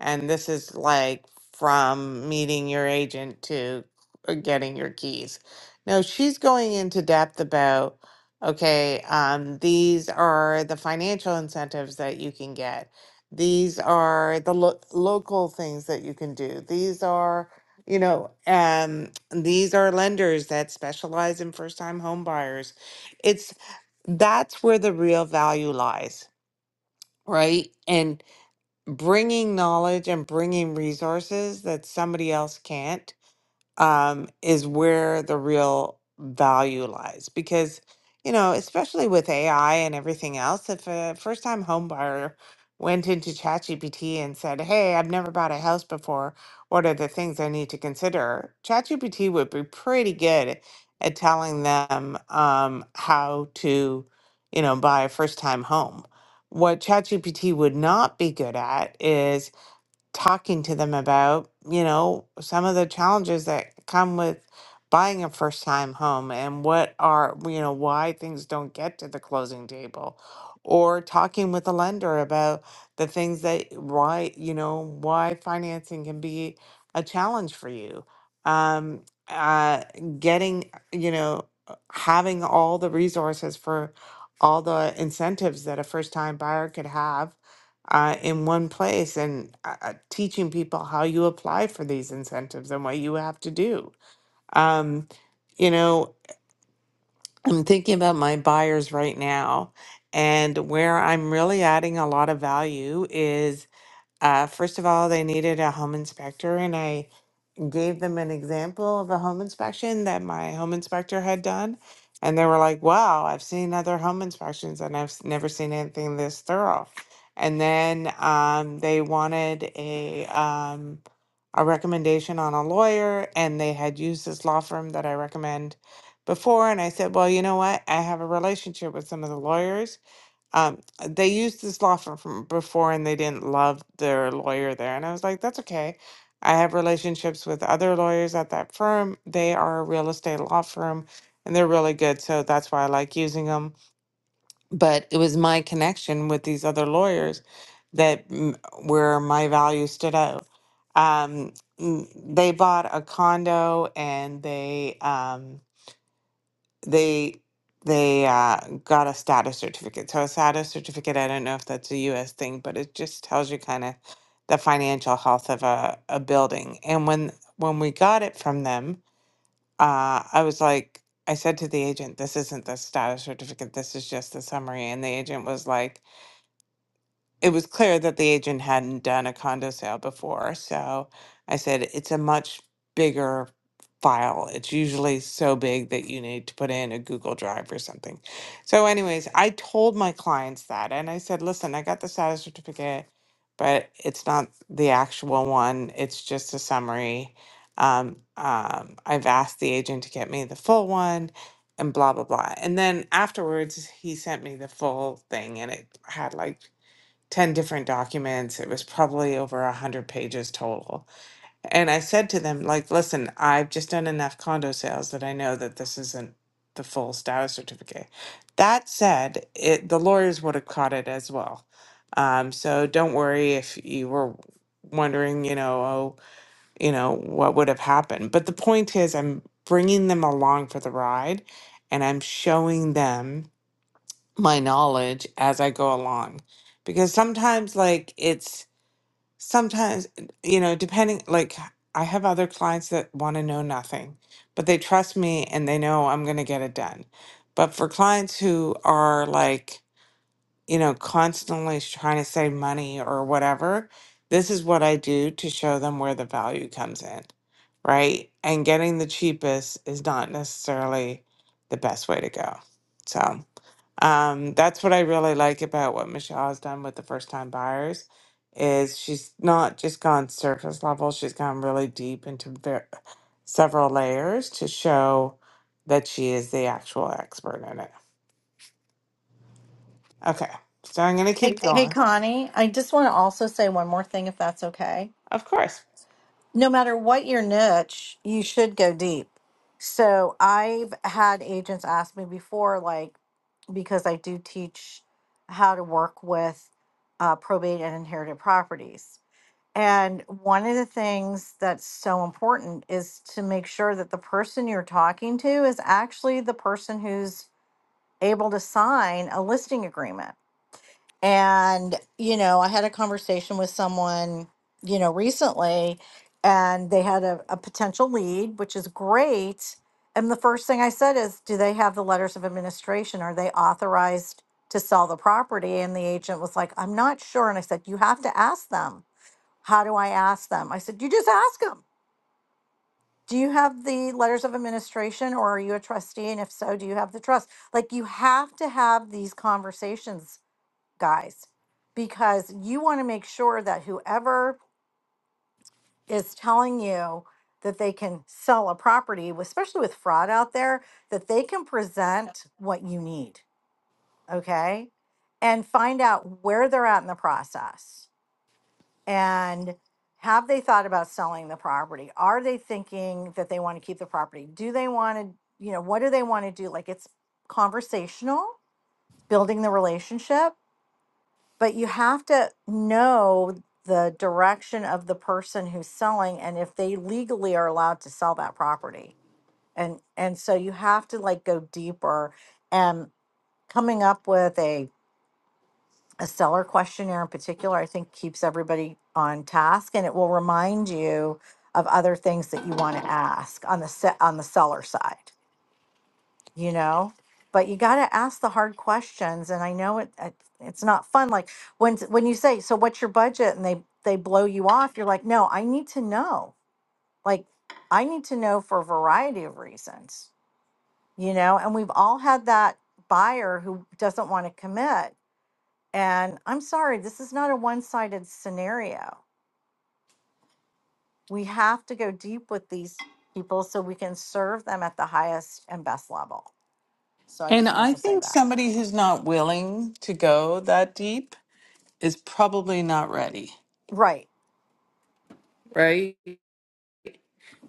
and this is like from meeting your agent to uh, getting your keys no she's going into depth about okay um these are the financial incentives that you can get these are the lo- local things that you can do. These are, you know, um, these are lenders that specialize in first time home buyers. It's that's where the real value lies, right? And bringing knowledge and bringing resources that somebody else can't um, is where the real value lies. Because, you know, especially with AI and everything else, if a first time home buyer went into ChatGPT and said, Hey, I've never bought a house before, what are the things I need to consider? ChatGPT would be pretty good at telling them um, how to, you know, buy a first time home. What ChatGPT would not be good at is talking to them about, you know, some of the challenges that come with buying a first time home and what are, you know, why things don't get to the closing table or talking with a lender about the things that why, you know, why financing can be a challenge for you. Um uh getting, you know, uh, having all the resources for all the incentives that a first time buyer could have uh, in one place and uh, uh, teaching people how you apply for these incentives and what you have to do. Um, you know, I'm thinking about my buyers right now, and where I'm really adding a lot of value is uh, first of all, they needed a home inspector, and I gave them an example of a home inspection that my home inspector had done. And they were like, wow, I've seen other home inspections and I've s- never seen anything this thorough. And then um, they wanted a, um, a recommendation on a lawyer, and they had used this law firm that I recommend before. And I said, well, you know what? I have a relationship with some of the lawyers. Um, they used this law firm from before and they didn't love their lawyer there. And I was like, that's okay. I have relationships with other lawyers at that firm. They are a real estate law firm and they're really good. So that's why I like using them. But it was my connection with these other lawyers that m- where my value stood out. Um, mm, they bought a condo and they, Um, they they uh, got a status certificate. So a status certificate, I don't know if that's a U.S. thing, but it just tells you kind of the financial health of a, a building. And when when we got it from them, uh, I was like, I said to the agent, "This isn't the status certificate. This is just the summary." And the agent was like it was clear that the agent hadn't done a condo sale before. So I said, it's a much bigger file. It's usually so big that you need to put in a Google Drive or something. So, anyways, I told my clients that and I said, listen, I got the status certificate, but it's not the actual one, it's just a summary. Um, um, I've asked the agent to get me the full one and blah, blah, blah. And then afterwards, he sent me the full thing and it had like 10 different documents. It was probably over 100 pages total. And I said to them, like, listen, I've just done enough condo sales that I know that this isn't the full status certificate. That said, it, the lawyers would have caught it as well. Um, so don't worry if you were wondering, you know, oh, you know, what would have happened. But the point is, I'm bringing them along for the ride and I'm showing them my knowledge as I go along. Because sometimes, like, it's sometimes, you know, depending, like, I have other clients that want to know nothing, but they trust me and they know I'm going to get it done. But for clients who are like, you know, constantly trying to save money or whatever, this is what I do to show them where the value comes in, right? And getting the cheapest is not necessarily the best way to go. So. Um, that's what I really like about what Michelle has done with the first time buyers is she's not just gone surface level, she's gone really deep into ver- several layers to show that she is the actual expert in it. Okay, so I'm going to
Hey,
keep
hey,
going.
Connie, I just want to also say one more thing, if that's okay.
Of course.
No matter what your niche, you should go deep. So I've had agents ask me before, like, because I do teach how to work with uh, probate and inherited properties. And one of the things that's so important is to make sure that the person you're talking to is actually the person who's able to sign a listing agreement and, you know, I had a conversation with someone, you know, recently, and they had a, a potential lead, which is great. And the first thing I said is, do they have the letters of administration? Are they authorized to sell the property? And the agent was like, I'm not sure. And I said, you have to ask them. How do I ask them? I said, you just ask them. Do you have the letters of administration or are you a trustee? And if so, do you have the trust? Like, you have to have these conversations guys, because you want to make sure that whoever is telling you that they can sell a property, with- especially with fraud out there, that they can present what you need, okay? And find out where they're at in the process. And have they thought about selling the property? Are they thinking that they want to keep the property? Do they want to, you know, what do they want to do? Like it's conversational, building the relationship but you have to know the direction of the person who's selling and if they legally are allowed to sell that property and and so you have to like go deeper and coming up with a a seller questionnaire in particular i think keeps everybody on task and it will remind you of other things that you want to ask on the set on the seller side you know but you got to ask the hard questions and i know it, it it's not fun like when when you say so what's your budget and they they blow you off you're like no i need to know like i need to know for a variety of reasons you know and we've all had that buyer who doesn't want to commit and i'm sorry this is not a one-sided scenario we have to go deep with these people so we can serve them at the highest and best level so i
And
just wanted
I
to say
think
that
somebody who's not willing to go that deep is probably not ready,
right
right?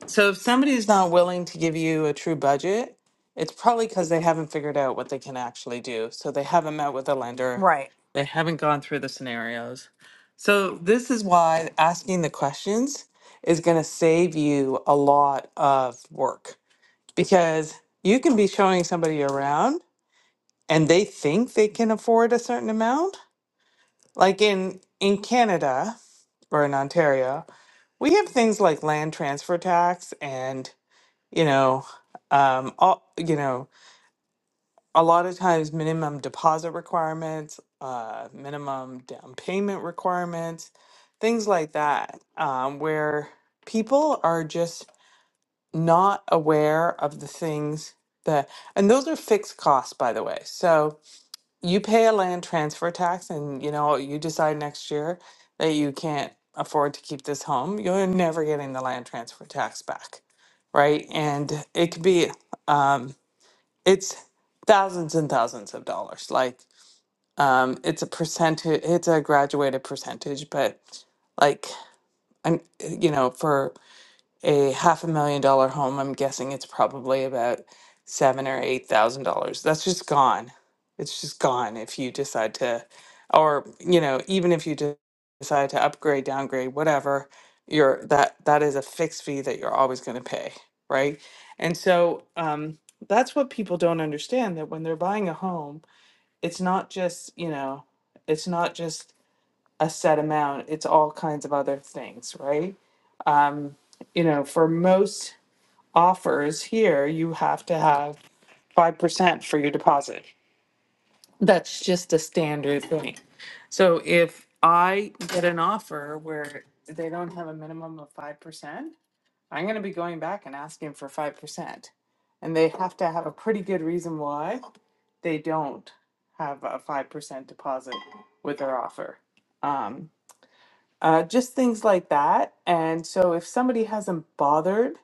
So if somebody's not willing to give you a true budget, it's probably because they haven't figured out what they can actually do. So they haven't met with a lender,
right
they haven't gone through the scenarios. So this is why asking the questions is going to save you a lot of work because you can be showing somebody around and they think they can afford a certain amount. Like in in Canada or in Ontario, we have things like land transfer tax and you know um all you know a lot of times minimum deposit requirements uh minimum down payment requirements things like that um where people are just not aware of the things that and those are fixed costs by the way so you pay a land transfer tax and you know you decide next year that you can't afford to keep this home you're never getting the land transfer tax back right and it could be um it's thousands and thousands of dollars. Like, um, it's a percentage, it's a graduated percentage, but like, I'm, you know, for a half a million dollar home, I'm guessing it's probably about seven or eight thousand dollars. That's just gone. It's just gone if you decide to, or you know, even if you de- decide to upgrade, downgrade, whatever, you're that that is a fixed fee that you're always going to pay, right? And so um, that's what people don't understand that when they're buying a home, it's not just you know, it's not just a set amount. It's all kinds of other things, right? Um, you know, for most offers here, you have to have five percent for your deposit. That's just a standard thing. So if I get an offer where they don't have a minimum of five percent, I'm gonna be going back and asking for five percent. And they have to have a pretty good reason why they don't have a five percent deposit with their offer. Um, uh, just things like that. And so if somebody hasn't bothered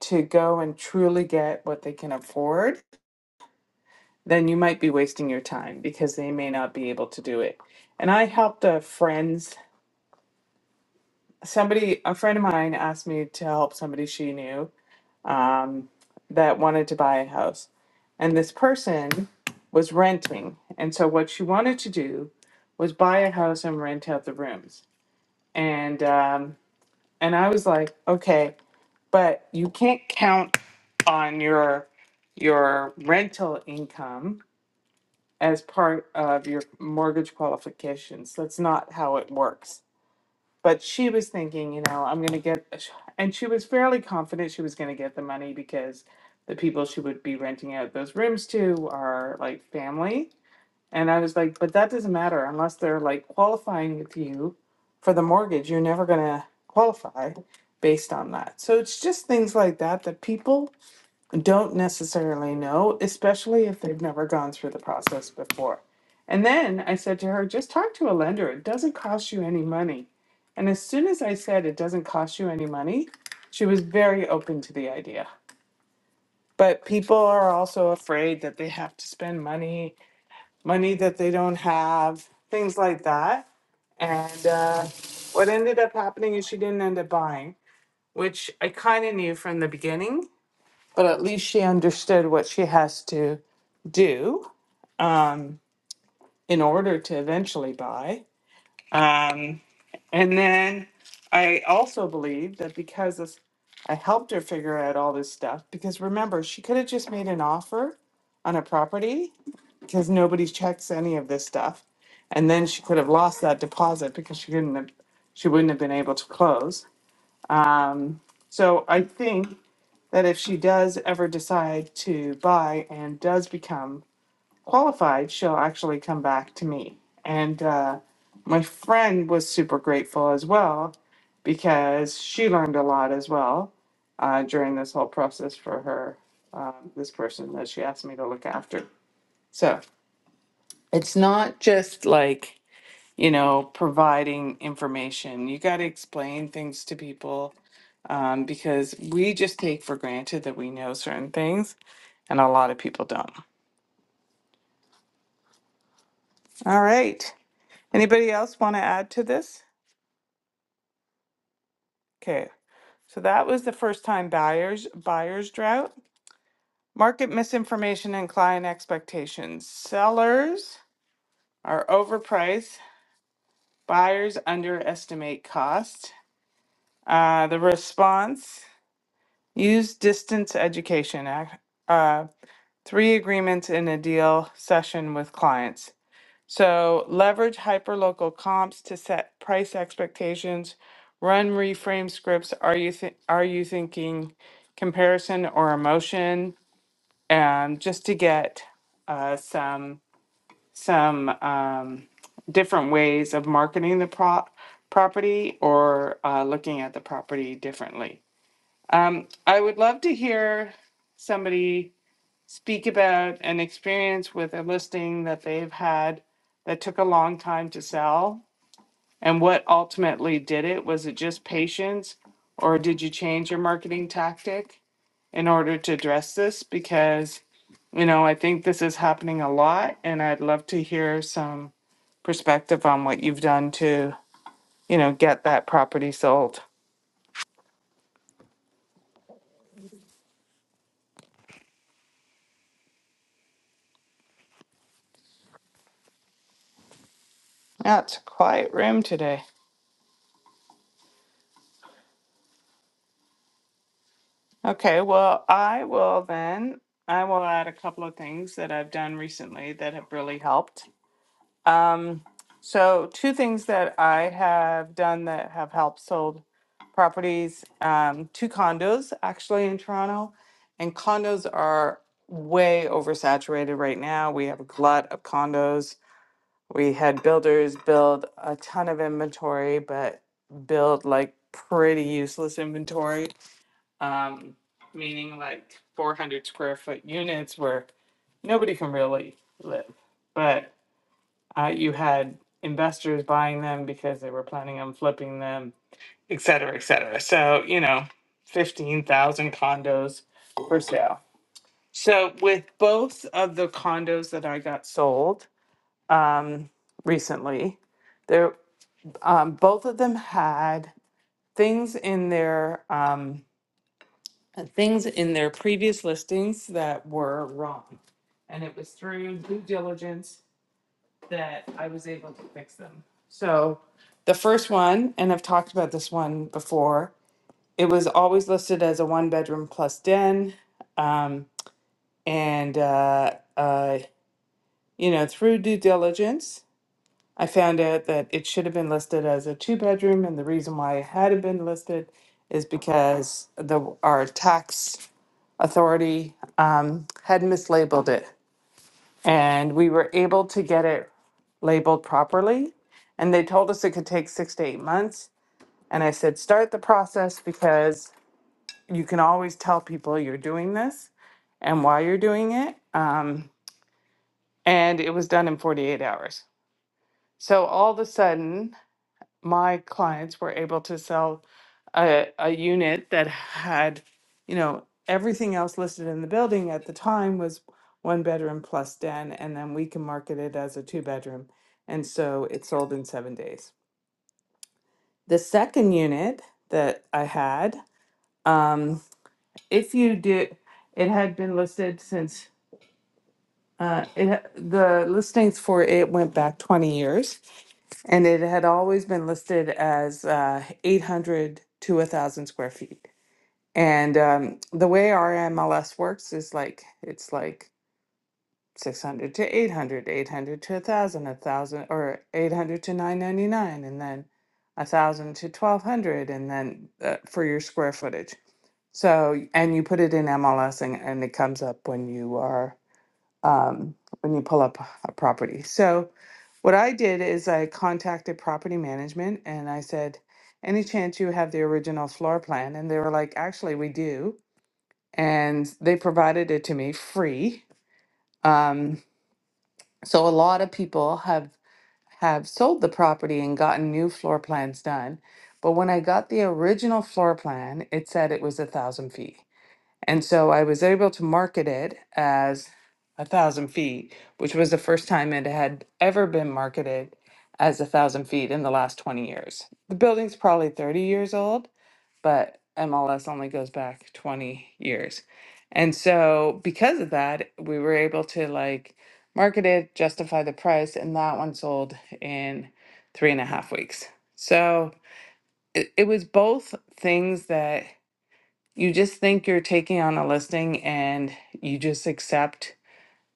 to go and truly get what they can afford, then you might be wasting your time because they may not be able to do it. And I helped a friend's somebody, a friend of mine asked me to help somebody she knew um, that wanted to buy a house. And this person was renting. And so what she wanted to do was buy a house and rent out the rooms. And um, and I was like, okay, but you can't count on your your rental income as part of your mortgage qualifications. That's not how it works. But she was thinking, you know, I'm going to get, and she was fairly confident she was going to get the money because the people she would be renting out those rooms to are like family. And I was like, but that doesn't matter unless they're like qualifying with you for the mortgage. You're never going to qualify based on that. So it's just things like that that people don't necessarily know, especially if they've never gone through the process before. And then I said to her, just talk to a lender. It doesn't cost you any money. And as soon as I said it doesn't cost you any money, she was very open to the idea. But people are also afraid that they have to spend money, money that they don't have, things like that. And uh, what ended up happening is she didn't end up buying, which I kind of knew from the beginning but at least she understood what she has to do um, in order to eventually buy. Um, and then I also believe that because this, I helped her figure out all this stuff, because remember, she could have just made an offer on a property because nobody checks any of this stuff. And then she could have lost that deposit because she couldn't have, she wouldn't have been able to close. Um, so I think that if she does ever decide to buy and does become qualified, she'll actually come back to me. And uh, my friend was super grateful as well because she learned a lot as well uh, during this whole process for her, uh, this person that she asked me to look after. So it's not just like, you know, providing information. You got to explain things to people um, because we just take for granted that we know certain things and a lot of people don't. All right. Anybody else want to add to this? Okay. So that was the first time buyers buyers drought. Market misinformation and client expectations. Sellers are overpriced. Buyers underestimate cost. Uh, the response: use distance education. Ac- Uh, three agreements in a deal session with clients. So leverage hyperlocal comps to set price expectations. Run reframe scripts. Are you th- are you thinking comparison or emotion? Um, just to get uh, some some um, different ways of marketing the prop property or uh, looking at the property differently. Um, I would love to hear somebody speak about an experience with a listing that they've had that took a long time to sell? And what ultimately did it? Was it just patience? Or did you change your marketing tactic in order to address this? Because, you know, I think this is happening a lot and I'd love to hear some perspective on what you've done to, you know, get that property sold. Yeah, it's a quiet room today. Okay, well, I will then. I will add a couple of things that I've done recently that have really helped. Um, so, two things that I have done that have helped sold properties, um, two condos actually in Toronto, and condos are way oversaturated right now. We have a glut of condos. We had builders build a ton of inventory, but build like pretty useless inventory um, meaning like 400 square foot units where nobody can really live. But uh, you had investors buying them because they were planning on flipping them, et cetera, et cetera. So, you know, 15,000 condos for sale. So, with both of the condos that I got sold um, recently, there, um, both of them had things in their um, uh, things in their previous listings that were wrong. And it was through due diligence that I was able to fix them. So the first one, and I've talked about this one before, it was always listed as a one bedroom plus den. Um, and, uh, uh, you know, through due diligence, I found out that it should have been listed as a two bedroom. And the reason why it hadn't been listed is because the our tax authority um, had mislabeled it. And we were able to get it labeled properly. And they told us it could take six to eight months. And I said, start the process because you can always tell people you're doing this and why you're doing it. Um, and it was done in 48 hours. So all of a sudden, my clients were able to sell a, a unit that had, you know, everything else listed in the building at the time was one bedroom plus den, and then we can market it as a two bedroom. And so it sold in seven days. The second unit that I had, um, if you did, it had been listed since uh, it, ha- the listings for it went back 20 years. And it had always been listed as uh, 800 to 1,000 square feet. And um, the way our MLS works is like it's like 600 to 800, 800 to a 1,000, a 1,000 or 800 to 999, and then 1,000 to 1,200, and then uh, for your square footage. So, and you put it in MLS and, and it comes up when you are um, when you pull up a property. So, what I did is I contacted property management and I said, Any chance you have the original floor plan? And they were like, Actually, we do. And they provided it to me free. Um, so, a lot of people have have sold the property and gotten new floor plans done. But when I got the original floor plan, it said it was a thousand feet. And so I was able to market it as a thousand feet, which was the first time it had ever been marketed as a thousand feet in the last 20 years. The building's probably 30 years old, but MLS only goes back 20 years. And so because of that, we were able to like market it, justify the price, and that one sold in three and a half weeks. So it, it was both things that you just think you're taking on a listing and you just accept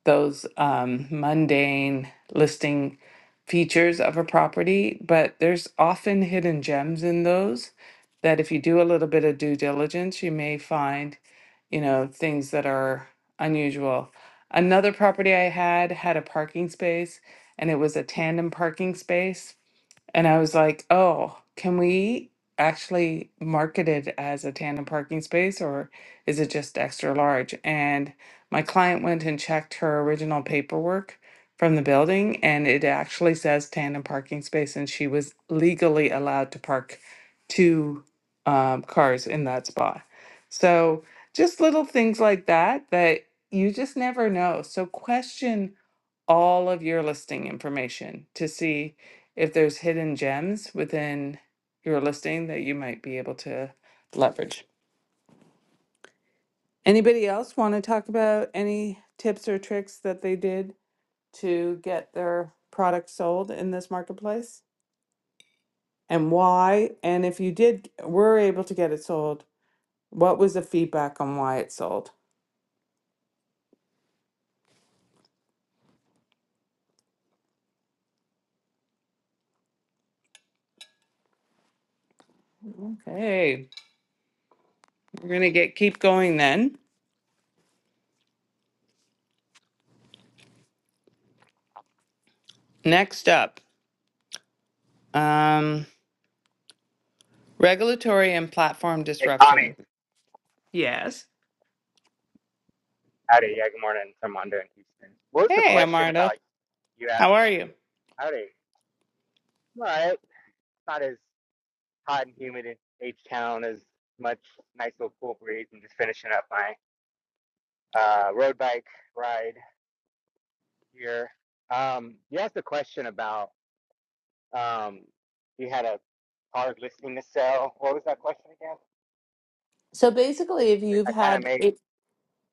those um, mundane listing features of a property, but there's often hidden gems in those that if you do a little bit of due diligence, you may find, you know, things that are unusual. Another property I had had a parking space and it was a tandem parking space and I was like, oh, can we actually market it as a tandem parking space or is it just extra large? And my client went and checked her original paperwork from the building and it actually says tandem parking space and she was legally allowed to park two um, cars in that spot. So just little things like that that you just never know. So question all of your listing information to see if there's hidden gems within your listing that you might be able to leverage. Anybody else want to talk about any tips or tricks that they did to get their product sold in this marketplace and why? And if you did, were able to get it sold, what was the feedback on why it sold? Okay, we're gonna get keep going then. Next up, um, regulatory and platform
Hey, Connie.
disruption. Yes.
Howdy. Yeah, good morning from Wanda in Houston. What was the
Hey,
question
Amarda,
about you asked?
how are you?
Howdy. All right. It's not as hot and humid in H Town as much nice little cool breeze. I'm just finishing up my uh, road bike ride here. Um, you asked a question about um, you had a hard listing to sell. What was that question again?
So
Which
basically, if you've
I kind of
had
made.
if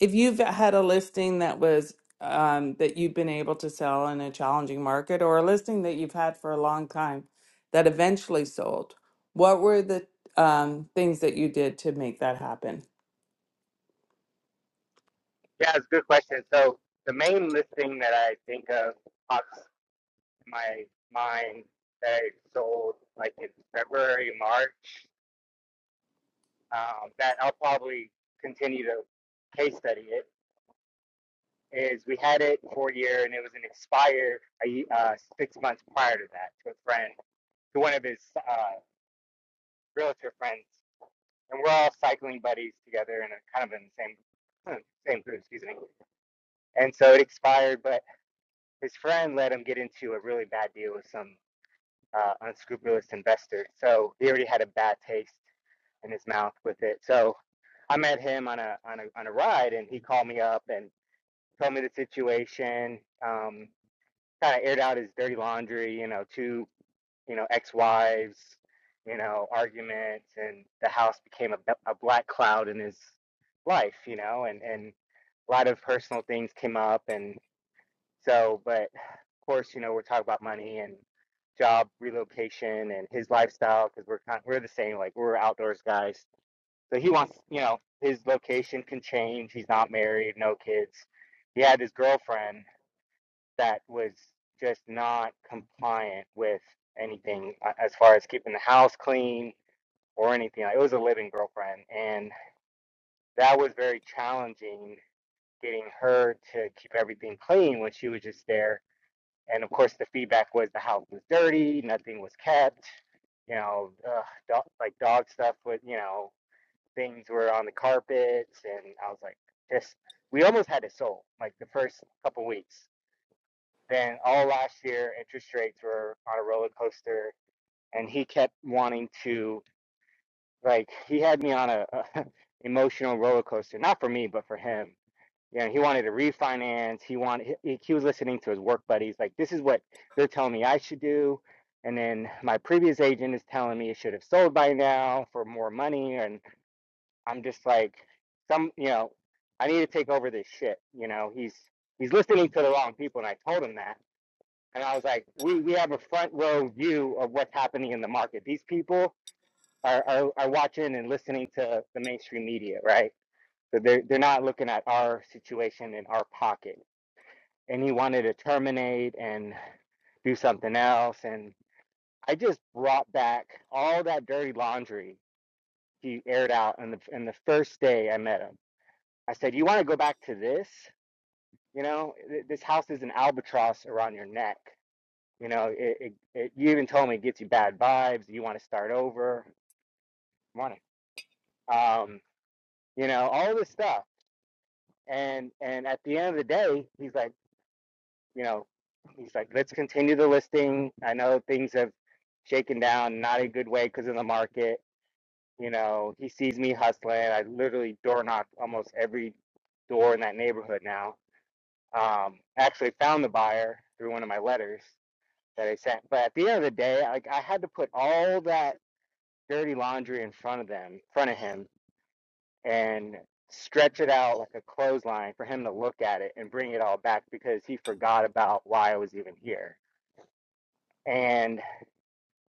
if you've had a listing that was um, that you've been able to sell in a challenging market, or a listing that you've had for a long time that eventually sold, what were the um, things that you did to make that happen?
Yeah, it's a good question. So the main listing that I think of pops my mind that I sold like in February, March, um, that I'll probably continue to case study it, is we had it for a year and it was an expired uh, six months prior to that to a friend, to one of his uh, realtor friends. And we're all cycling buddies together and kind of in the same, hmm, same group, excuse me. And so it expired, but his friend let him get into a really bad deal with some uh, unscrupulous investor. So he already had a bad taste in his mouth with it. So I met him on a on a on a ride, and he called me up and told me the situation. Um, kind of aired out his dirty laundry, you know, two you know ex-wives, you know, arguments, and the house became a a black cloud in his life, you know, and and a lot of personal things came up, and so, but of course, you know, we're talking about money and job relocation and his lifestyle because we're kind of, we're the same, like we're outdoors guys so he wants, you know, his location can change. He's not married, no kids. He had his girlfriend that was just not compliant with anything uh, as far as keeping the house clean or anything. Like, it was a living girlfriend, and that was very challenging getting her to keep everything clean when she was just there. And of course, the feedback was the house was dirty, nothing was kept. You know, uh, dog, like dog stuff was, you know, things were on the carpets and I was like just we almost had it sold like the first couple weeks. Then all last year interest rates were on a roller coaster and he kept wanting to like he had me on a, a emotional roller coaster not for me but for him. Yeah, he wanted to refinance. He wanted he, he was listening to his work buddies like this is what they're telling me I should do and then my previous agent is telling me it should have sold by now for more money and I'm just like some you know I need to take over this shit you know he's he's listening to the wrong people and I told him that and I was like we we have a front row view of what's happening in the market these people are are, are watching and listening to the mainstream media right so they're they're not looking at our situation in our pocket and he wanted to terminate and do something else and I just brought back all that dirty laundry he aired out on the in the first day I met him I said, "You want to go back to this? You know, this house is an albatross around your neck. You know, it, it, it you even told me it gets you bad vibes. You want to start over? Morning. Um, you know, all this stuff. And and at the end of the day, he's like, you know, he's like, let's continue the listing. I know things have shaken down, not a good way because of the market. You know, he sees me hustling. I literally door knock almost every door in that neighborhood now um, actually found the buyer through one of my letters that I sent. But at the end of the day, like I had to put all that dirty laundry in front of them, in front of him, and stretch it out like a clothesline for him to look at it and bring it all back because he forgot about why I was even here. And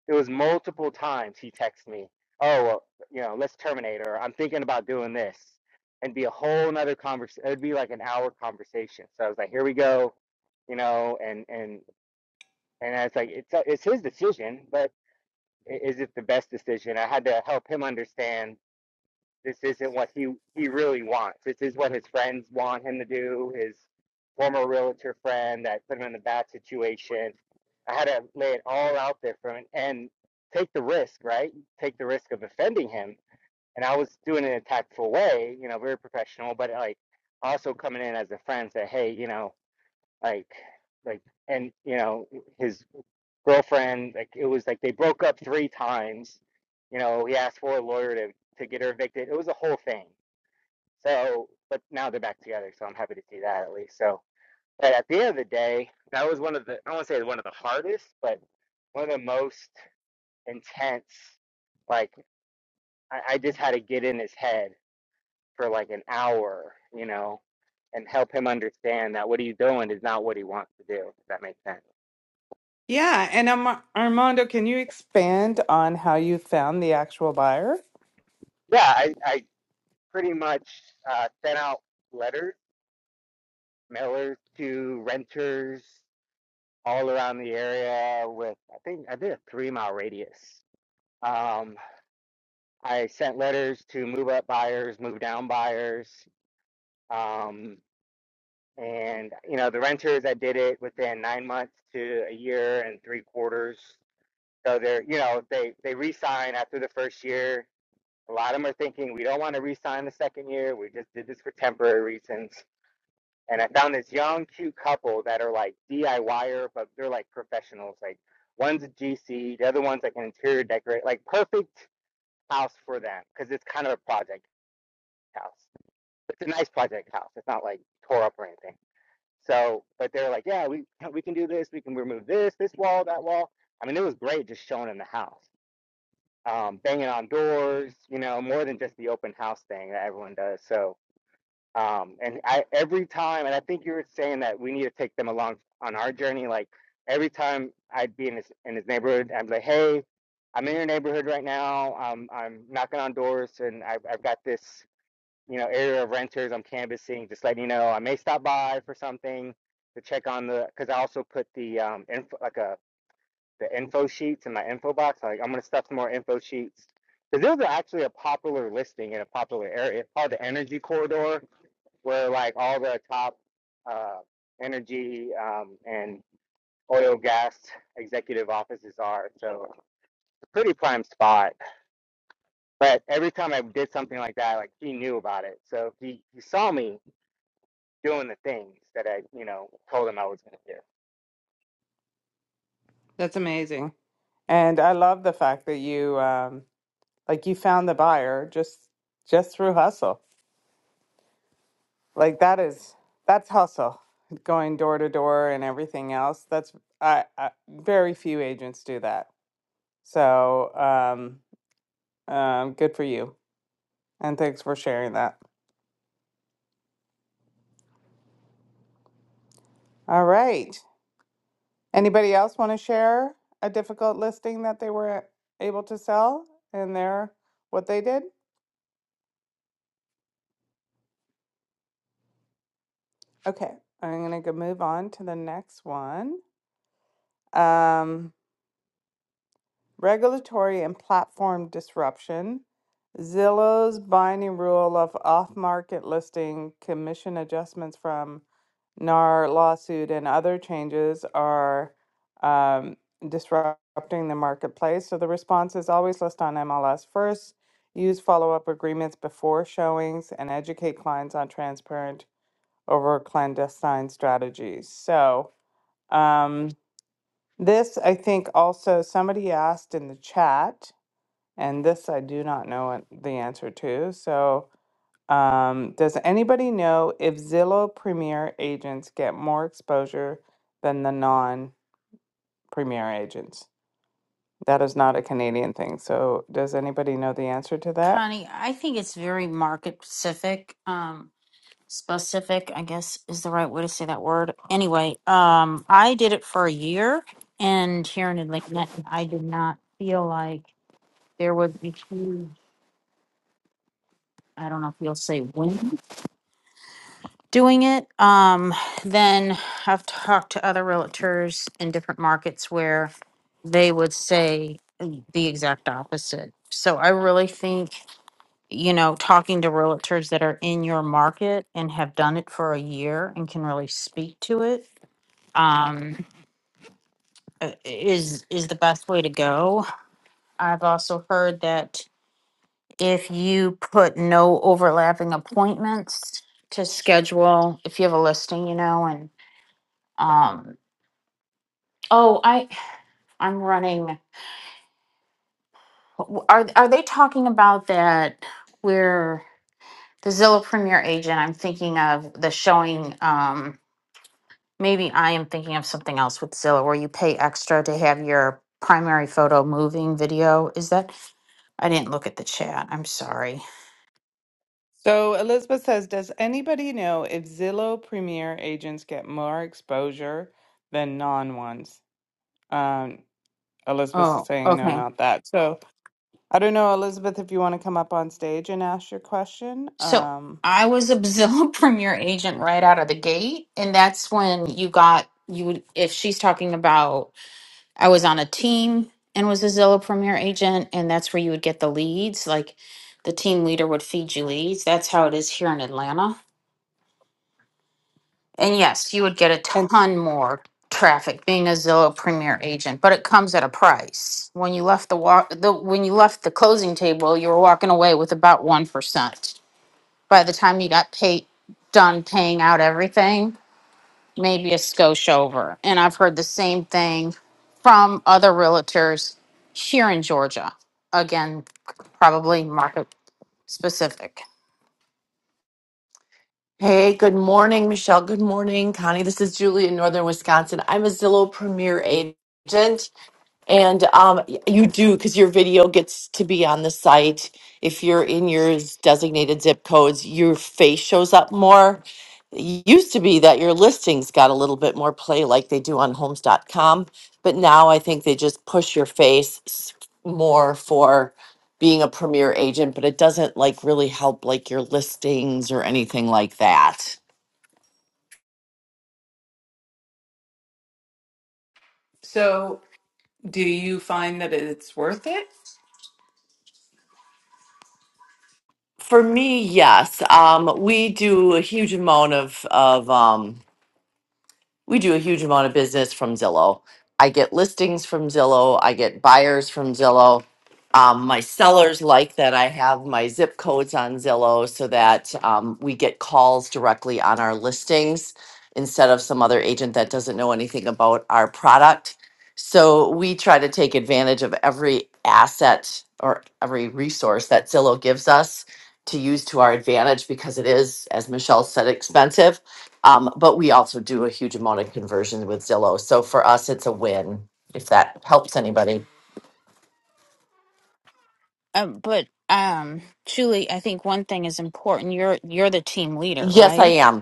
it was multiple times he texted me, "Oh, well, you know, let's terminate," or "I'm thinking about doing this." And be a whole nother conversation. It'd be like an hour conversation. So I was like, "Here we go you know, and and And I was like, it's uh, it's his decision, but is it the best decision? I had to help him understand this isn't what he he really wants. This is what his friends want him to do. His former realtor friend that put him in a bad situation. I had to lay it all out there for him and take the risk, right? Take the risk of offending him. And I was doing it in a tactful way, you know, very professional, but like also coming in as a friend, say, hey, you know, like like and you know his girlfriend like it was like they broke up three times you know he asked for a lawyer to to get her evicted it was a whole thing so but now they're back together so i'm happy to see that at least so but at the end of the day that was one of the i don't want to say one of the hardest but one of the most intense like I, I just had to get in his head for like an hour you know and help him understand that what he's doing is not what he wants to do if that makes sense
Yeah, and Arma- Armando, can you expand on how you found the actual buyer?
yeah i i pretty much uh, sent out letters, mailers to renters all around the area with, I think I did a three mile radius. Um, I sent letters to move up buyers, move down buyers. Um, and, you know, the renters, I did it within nine months to a year and three quarters. So they're, you know, they, they re-sign after the first year. A lot of them are thinking, we don't want to re-sign the second year. We just did this for temporary reasons and I found this young, cute couple that are like DIYer, but they're like professionals. Like one's a GC, the other one's like an interior decorator. Like perfect house for them because it's kind of a project house. It's a nice project house. It's not like tore up or anything. So, but they're like, yeah, we yeah, we can do this. We can remove this, this wall, that wall. I mean, it was great just showing them the house, um, banging on doors. You know, more than just the open house thing that everyone does. So um and i every time and i think you were saying that we need to take them along on our journey like every time i'd be in his in his neighborhood i'd be like hey i'm in your neighborhood right now um i'm knocking on doors and i've, I've got this you know area of renters i'm canvassing just letting you know i may stop by for something to check on the because i also put the um info like a the info sheets in my info box like i'm going to stuff some more info sheets because those are actually a popular listing in a popular area it's called the energy corridor where like all the top uh, energy um, and oil gas executive offices are. So it's a pretty prime spot. But every time I did something like that, like he knew about it. So he, he saw me doing the things that I, you know, told him I was going to do.
That's amazing. And I love the fact that you um like you found the buyer just just through hustle. Like that is that's hustle, going door to door and everything else. That's I, I very few agents do that. So um, um, good for you, and thanks for sharing that. All right. Anybody else want to share a difficult listing that they were able to sell and their what they did? Okay, I'm gonna go move on to the next one. Um, regulatory and platform disruption, Zillow's binding rule of off market listing, commission adjustments from NAR lawsuit, and other changes are um, disrupting the marketplace. So the response is always list on MLS first, use follow up agreements before showings, and educate clients on transparent over clandestine strategies. So, um, this, I think, also somebody asked in the chat and this I do not know an- the answer to. So, um, does anybody know if Zillow Premier agents get more exposure than the non Premier agents? That is not a Canadian thing. So, does anybody know the answer to that?
Connie, I think it's very market specific. Um, specific, I guess, is the right way to say that word. Anyway, um, I did it for a year, and here in Atlanta, I did not feel like there was a huge. I don't know if you'll say win doing it. Um, then I've talked to other realtors in different markets where they would say the exact opposite. So I really think you know, talking to realtors that are in your market and have done it for a year and can really speak to it um, uh, is is the best way to go. I've also heard that if you put no overlapping appointments to schedule, if you have a listing, you know, and um, oh, I I'm running. Are are they talking about that where the Zillow Premier agent? I'm thinking of the showing. Um, Maybe I am thinking of something else with Zillow where you pay extra to have your primary photo moving video. Is that? I didn't look at the chat. I'm sorry.
So Elizabeth says, does anybody know if Zillow Premier agents get more exposure than non ones? Um, Elizabeth is
Oh,
saying, no,
okay.
not that. So I don't know, Elizabeth, if you want to come up on stage and ask your question.
So
Um,
I was a Zillow Premier agent right out of the gate. And that's when you got, you would, if she's talking about, I was on a team and was a Zillow Premier agent. And that's where you would get the leads. Like the team leader would feed you leads. That's how it is here in Atlanta And yes, you would get a
And
ton more traffic being a Zillow Premier agent, but it comes at a price. When you left the walk, the when you left the closing table, you were walking away with about one percent. By the time you got paid, done paying out everything, maybe a skosh over. And I've heard the same thing from other realtors here in Georgia. Again, probably market specific.
Hey, good morning, Michelle. Good morning, Connie. This is Julie in Northern Wisconsin. I'm a Zillow Premier agent. And um, y- you do because your video gets to be on the site. If you're in your z- designated zip codes, your face shows up more. It used to be that your listings got a little bit more play like they do on homes.com, but now I think they just push your face s- more for being a premier agent, but it doesn't like really help like your listings or anything like that.
so, do you find that it's worth it?
For me, yes. Um, we do a huge amount of of um, we do a huge amount of business from Zillow. I get listings from Zillow. I get buyers from Zillow. Um, my sellers like that I have my zip codes on Zillow so that um, we get calls directly on our listings instead of some other agent that doesn't know anything about our product. So we try to take advantage of every asset or every resource that Zillow gives us to use to our advantage because it is, as Michelle said, expensive um, but we also do a huge amount of conversions with Zillow. So for us, it's a win if that helps anybody.
Um, but um, Julie, I think one thing is important. You're you're the team leader,
Yes, I
right?
am.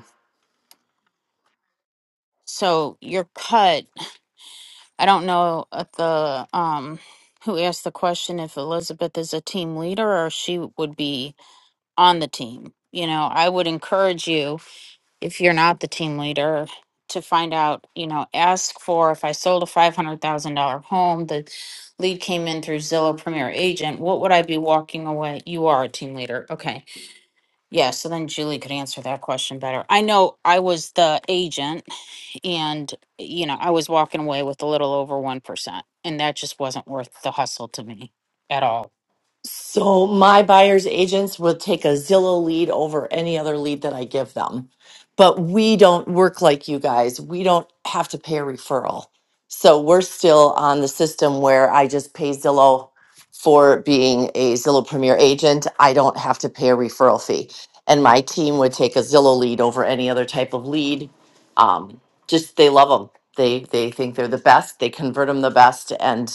So your cut. I don't know if the um who asked the question if Elizabeth is a team leader or she would be on the team. You know, I would encourage you if you're not the team leader to find out. You know, ask for if I sold a five hundred thousand dollar home, the lead came in through Zillow Premier Agent. What would I be walking away? You are a team leader, okay? Yeah, so then Julie could answer that question better. I know I was the agent and, you know, I was walking away with a little over 1%, and that just wasn't worth the hustle to me at all.
So my buyer's agents will take a Zillow lead over any other lead that I give them. But we don't work like you guys. We don't have to pay a referral. So we're still on the system where I just pay Zillow for being a Zillow Premier agent. I don't have to pay a referral fee. And my team would take a Zillow lead over any other type of lead. Um, just they love them. They they think they're the best. They convert them the best, and.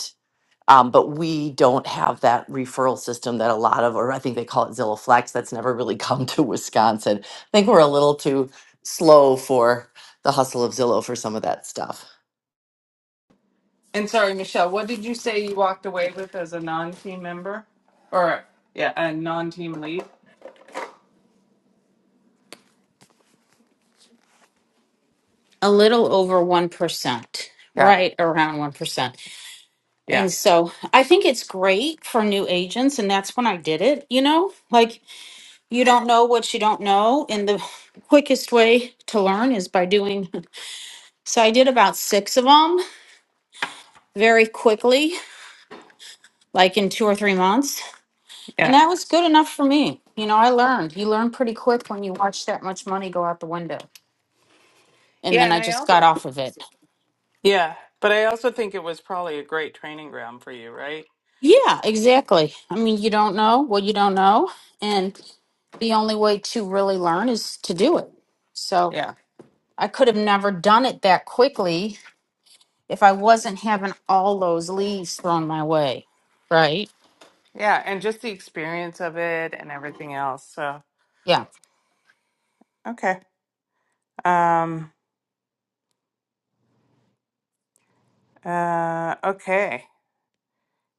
Um, but we don't have that referral system that a lot of, or I think they call it Zillow Flex, that's never really come to Wisconsin. I think we're a little too slow for the hustle of Zillow for some of that stuff.
And sorry, Michelle, what did you say you walked away with as a non team member? Or, yeah, a non team lead?
A little over 1%,
Got it.
right around 1%.
Yeah.
And so I think it's great for new agents, and that's when I did it, you know? Like, you don't know what you don't know, and the quickest way to learn is by doing. So I did about six of them very quickly like in two or three months And
Yeah.
that was good enough for me. You know, I learned. You learn pretty quick when you watch that much money go out the window. And
Yeah.
then
And
I
I
just got
also,
off of it.
yeah. But I also think it was probably a great training ground for you, right?
Yeah, exactly. I mean, you don't know what you don't know. And the only way to really learn is to do it. So
Yeah.
I could have never done it that quickly if I wasn't having all those leaves thrown my way. Right.
Yeah. And just the experience of it and everything else. So,
Yeah.
okay. Um, uh, okay.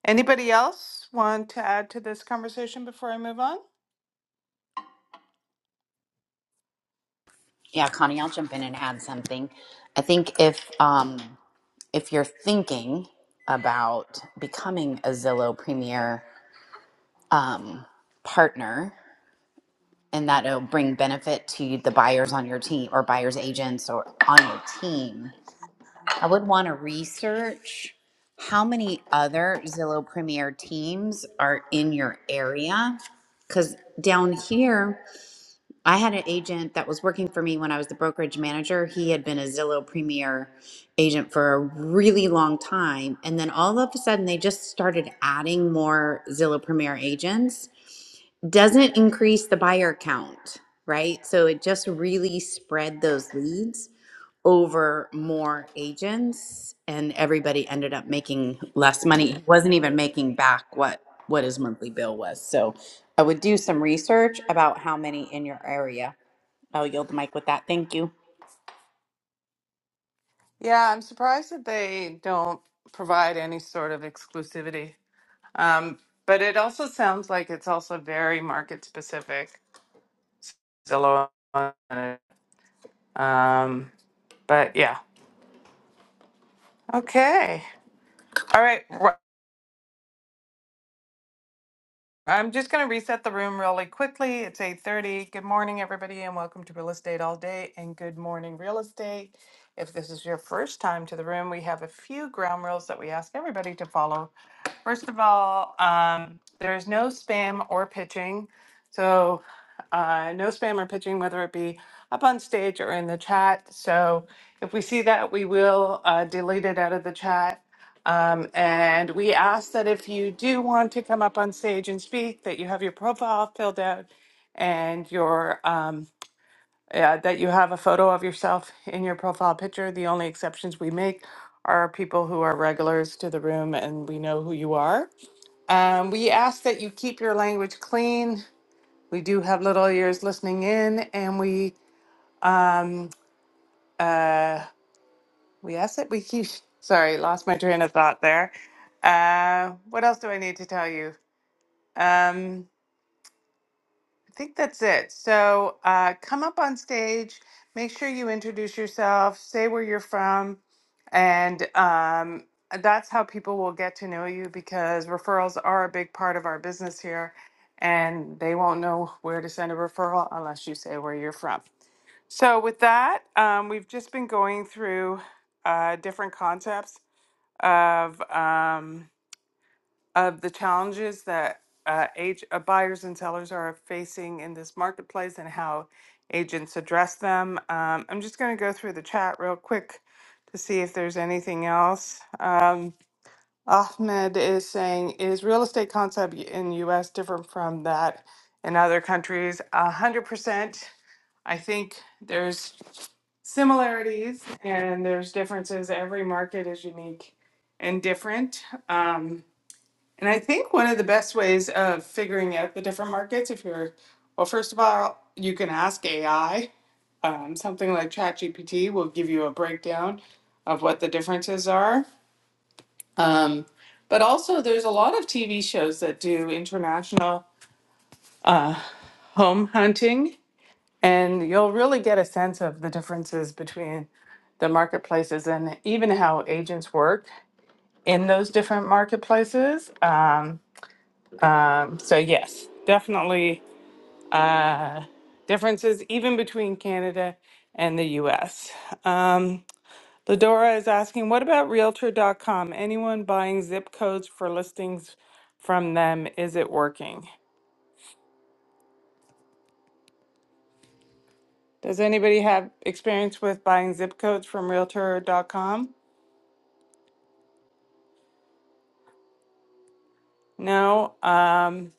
Anybody else want to add to this conversation before I move on?
Yeah, Connie, I'll jump in and add something. I think if um, if you're thinking about becoming a Zillow Premier um, partner, and that'll bring benefit to the buyers on your team or buyers agents or on your team, I would want to research how many other Zillow Premier teams are in your area. Because down here, I had an agent that was working for me when I was the brokerage manager. He had been a Zillow Premier agent for a really long time. And then all of a sudden, they just started adding more Zillow Premier agents. Doesn't increase the buyer count, right? So it just really spread those leads over more agents and everybody ended up making less money wasn't even making back what what his monthly bill was so I would do some research about how many in your area. I'll yield the mic with that. Thank you.
Yeah, I'm surprised that they don't provide any sort of exclusivity. Um, but it also sounds like it's also very market specific. Zillow. on it. Um, but yeah. Okay. All right. I'm just going to reset the room really quickly. It's 8:30. Good morning, everybody, and welcome to Real Estate All Day and Good Morning Real Estate. If this is your first time to the room, we have a few ground rules that we ask everybody to follow. First of all, um, there is no spam or pitching. So, uh, no spam or pitching, whether it be up on stage or in the chat. So, if we see that, we will uh, delete it out of the chat. Um, and we ask that if you do want to come up on stage and speak, that you have your profile filled out and your um, yeah, that you have a photo of yourself in your profile picture. The only exceptions we make are people who are regulars to the room and we know who you are. Um, we ask that you keep your language clean. We do have little ears listening in, and we um, uh, We asked it. We keep. Sorry, lost my train of thought there. Uh, what else do I need to tell you? Um, I think that's it. So uh, come up on stage. Make sure you introduce yourself. Say where you're from, and um, that's how people will get to know you because referrals are a big part of our business here, and they won't know where to send a referral unless you say where you're from. So with that, um, we've just been going through uh, different concepts of um, of the challenges that uh, age, uh, buyers and sellers are facing in this marketplace and how agents address them. Um, I'm just going to go through the chat real quick to see if there's anything else. Um, Ahmed is saying, is real estate concept in U.S. different from that in other countries? A hundred percent. I think there's similarities and there's differences. Every market is unique and different. Um, and I think one of the best ways of figuring out the different markets, if you're, well, first of all, you can ask AI. Um, something like ChatGPT will give you a breakdown of what the differences are. Um, but also, there's a lot of TV shows that do international uh, home hunting And you'll really get a sense of the differences between the marketplaces and even how agents work in those different marketplaces. Um, um, so, yes, definitely uh, differences even between Canada and the US. Um, Ladora is asking, what about Realtor.com? Anyone buying zip codes for listings from them? Is it working? Does anybody have experience with buying zip codes from Realtor.com? No. Um,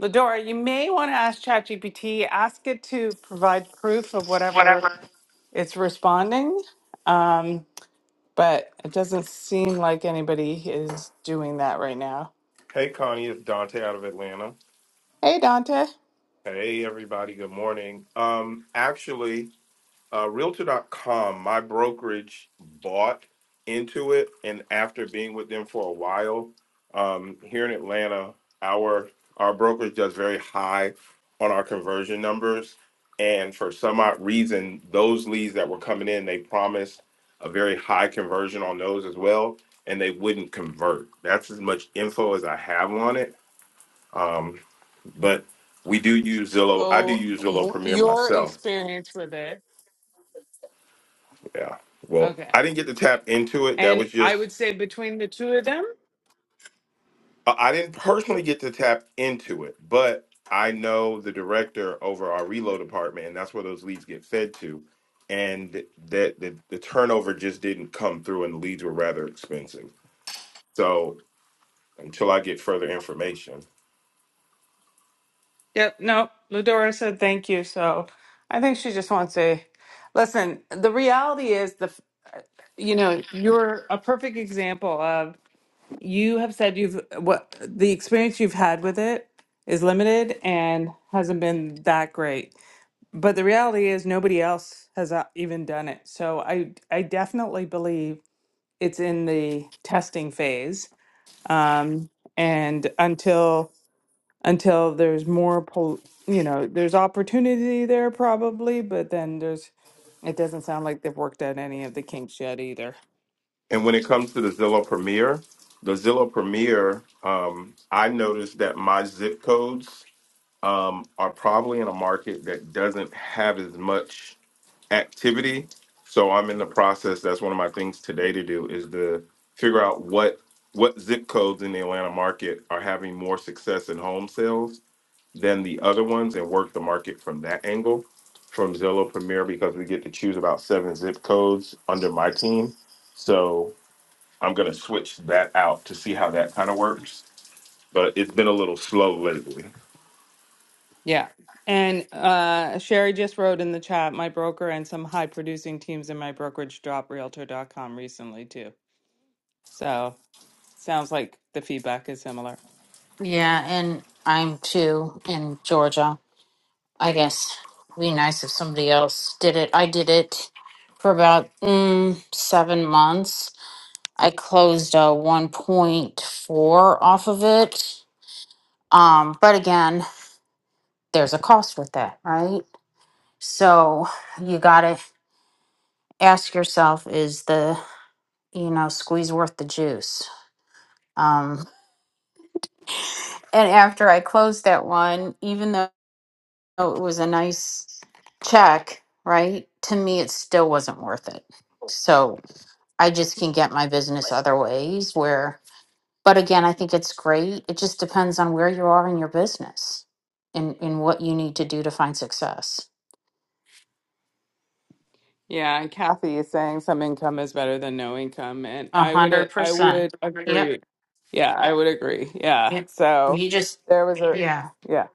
Ladora, you may want to ask ChatGPT, ask it to provide proof of whatever
whatever.
it's responding. Um, but it doesn't seem like anybody is doing that right now.
Hey, Connie, it's Dante out of Atlanta.
Hey, Dante.
Hey, everybody, good morning. Um, actually, uh, Realtor.com, my brokerage bought into it, and after being with them for a while, um, here in Atlanta, our our brokerage does very high on our conversion numbers, and for some odd reason, those leads that were coming in, they promised a very high conversion on those as well, and they wouldn't convert. That's as much info as I have on it Um, but we do use Zillow. I do
Oh,
use Zillow
wh-
Premier
your
myself.
experience with it.
Yeah. Well,
Okay.
I didn't get to tap into it. That
And
was just
I would say between the two of them.
I I didn't personally get to tap into it, but I know the director over our reload department, and that's where those leads get fed to. And that the, the turnover just didn't come through, and the leads were rather expensive. So until I get further information,
Yep, no, Ludora said thank you. So I think she just wants to listen. The reality is the f- uh, you know, you're a perfect example of you have said you've what the experience you've had with it is limited and hasn't been that great. But the reality is nobody else has uh, even done it. So I I definitely believe it's in the testing phase. Um and until until there's more pol- you know there's opportunity there probably but then there's it doesn't sound like they've worked out any of the kinks yet either
and when it comes to the Zillow Premier, the Zillow Premier, um, I noticed that my zip codes um, are probably in a market that doesn't have as much activity. So I'm in the process. That's one of my things today to do is to figure out what what zip codes in the Atlanta market are having more success in home sales than the other ones, and work the market from that angle from Zillow Premier because we get to choose about seven zip codes under my team. So I'm gonna switch that out to see how that kind of works. But it's been a little slow lately.
yeah and uh sherry just wrote in the chat my broker and some high producing teams in my brokerage dropped realtor dot com recently too so sounds like the feedback is similar
Yeah. And I'm too in Georgia. I guess it'd be nice if somebody else did it. I did it for about mm, seven months. I closed a one point four off of it. Um, but again, there's a cost with that, right? So you gotta ask yourself, is the you know squeeze worth the juice? Um, and after I closed that one, even though it was a nice check, right? To me, it still wasn't worth it. So I just can get my business other ways where but again, I think it's great. It just depends on where you are in your business and, and what you need to do to find success.
Yeah, and Kathy is saying some income is better than no income, and
A
I would
hundred
a- I
percent.
would
Yep.
agree. Yeah, I would agree. Yeah.
Yep.
So
You just
there was a
yeah.
yeah.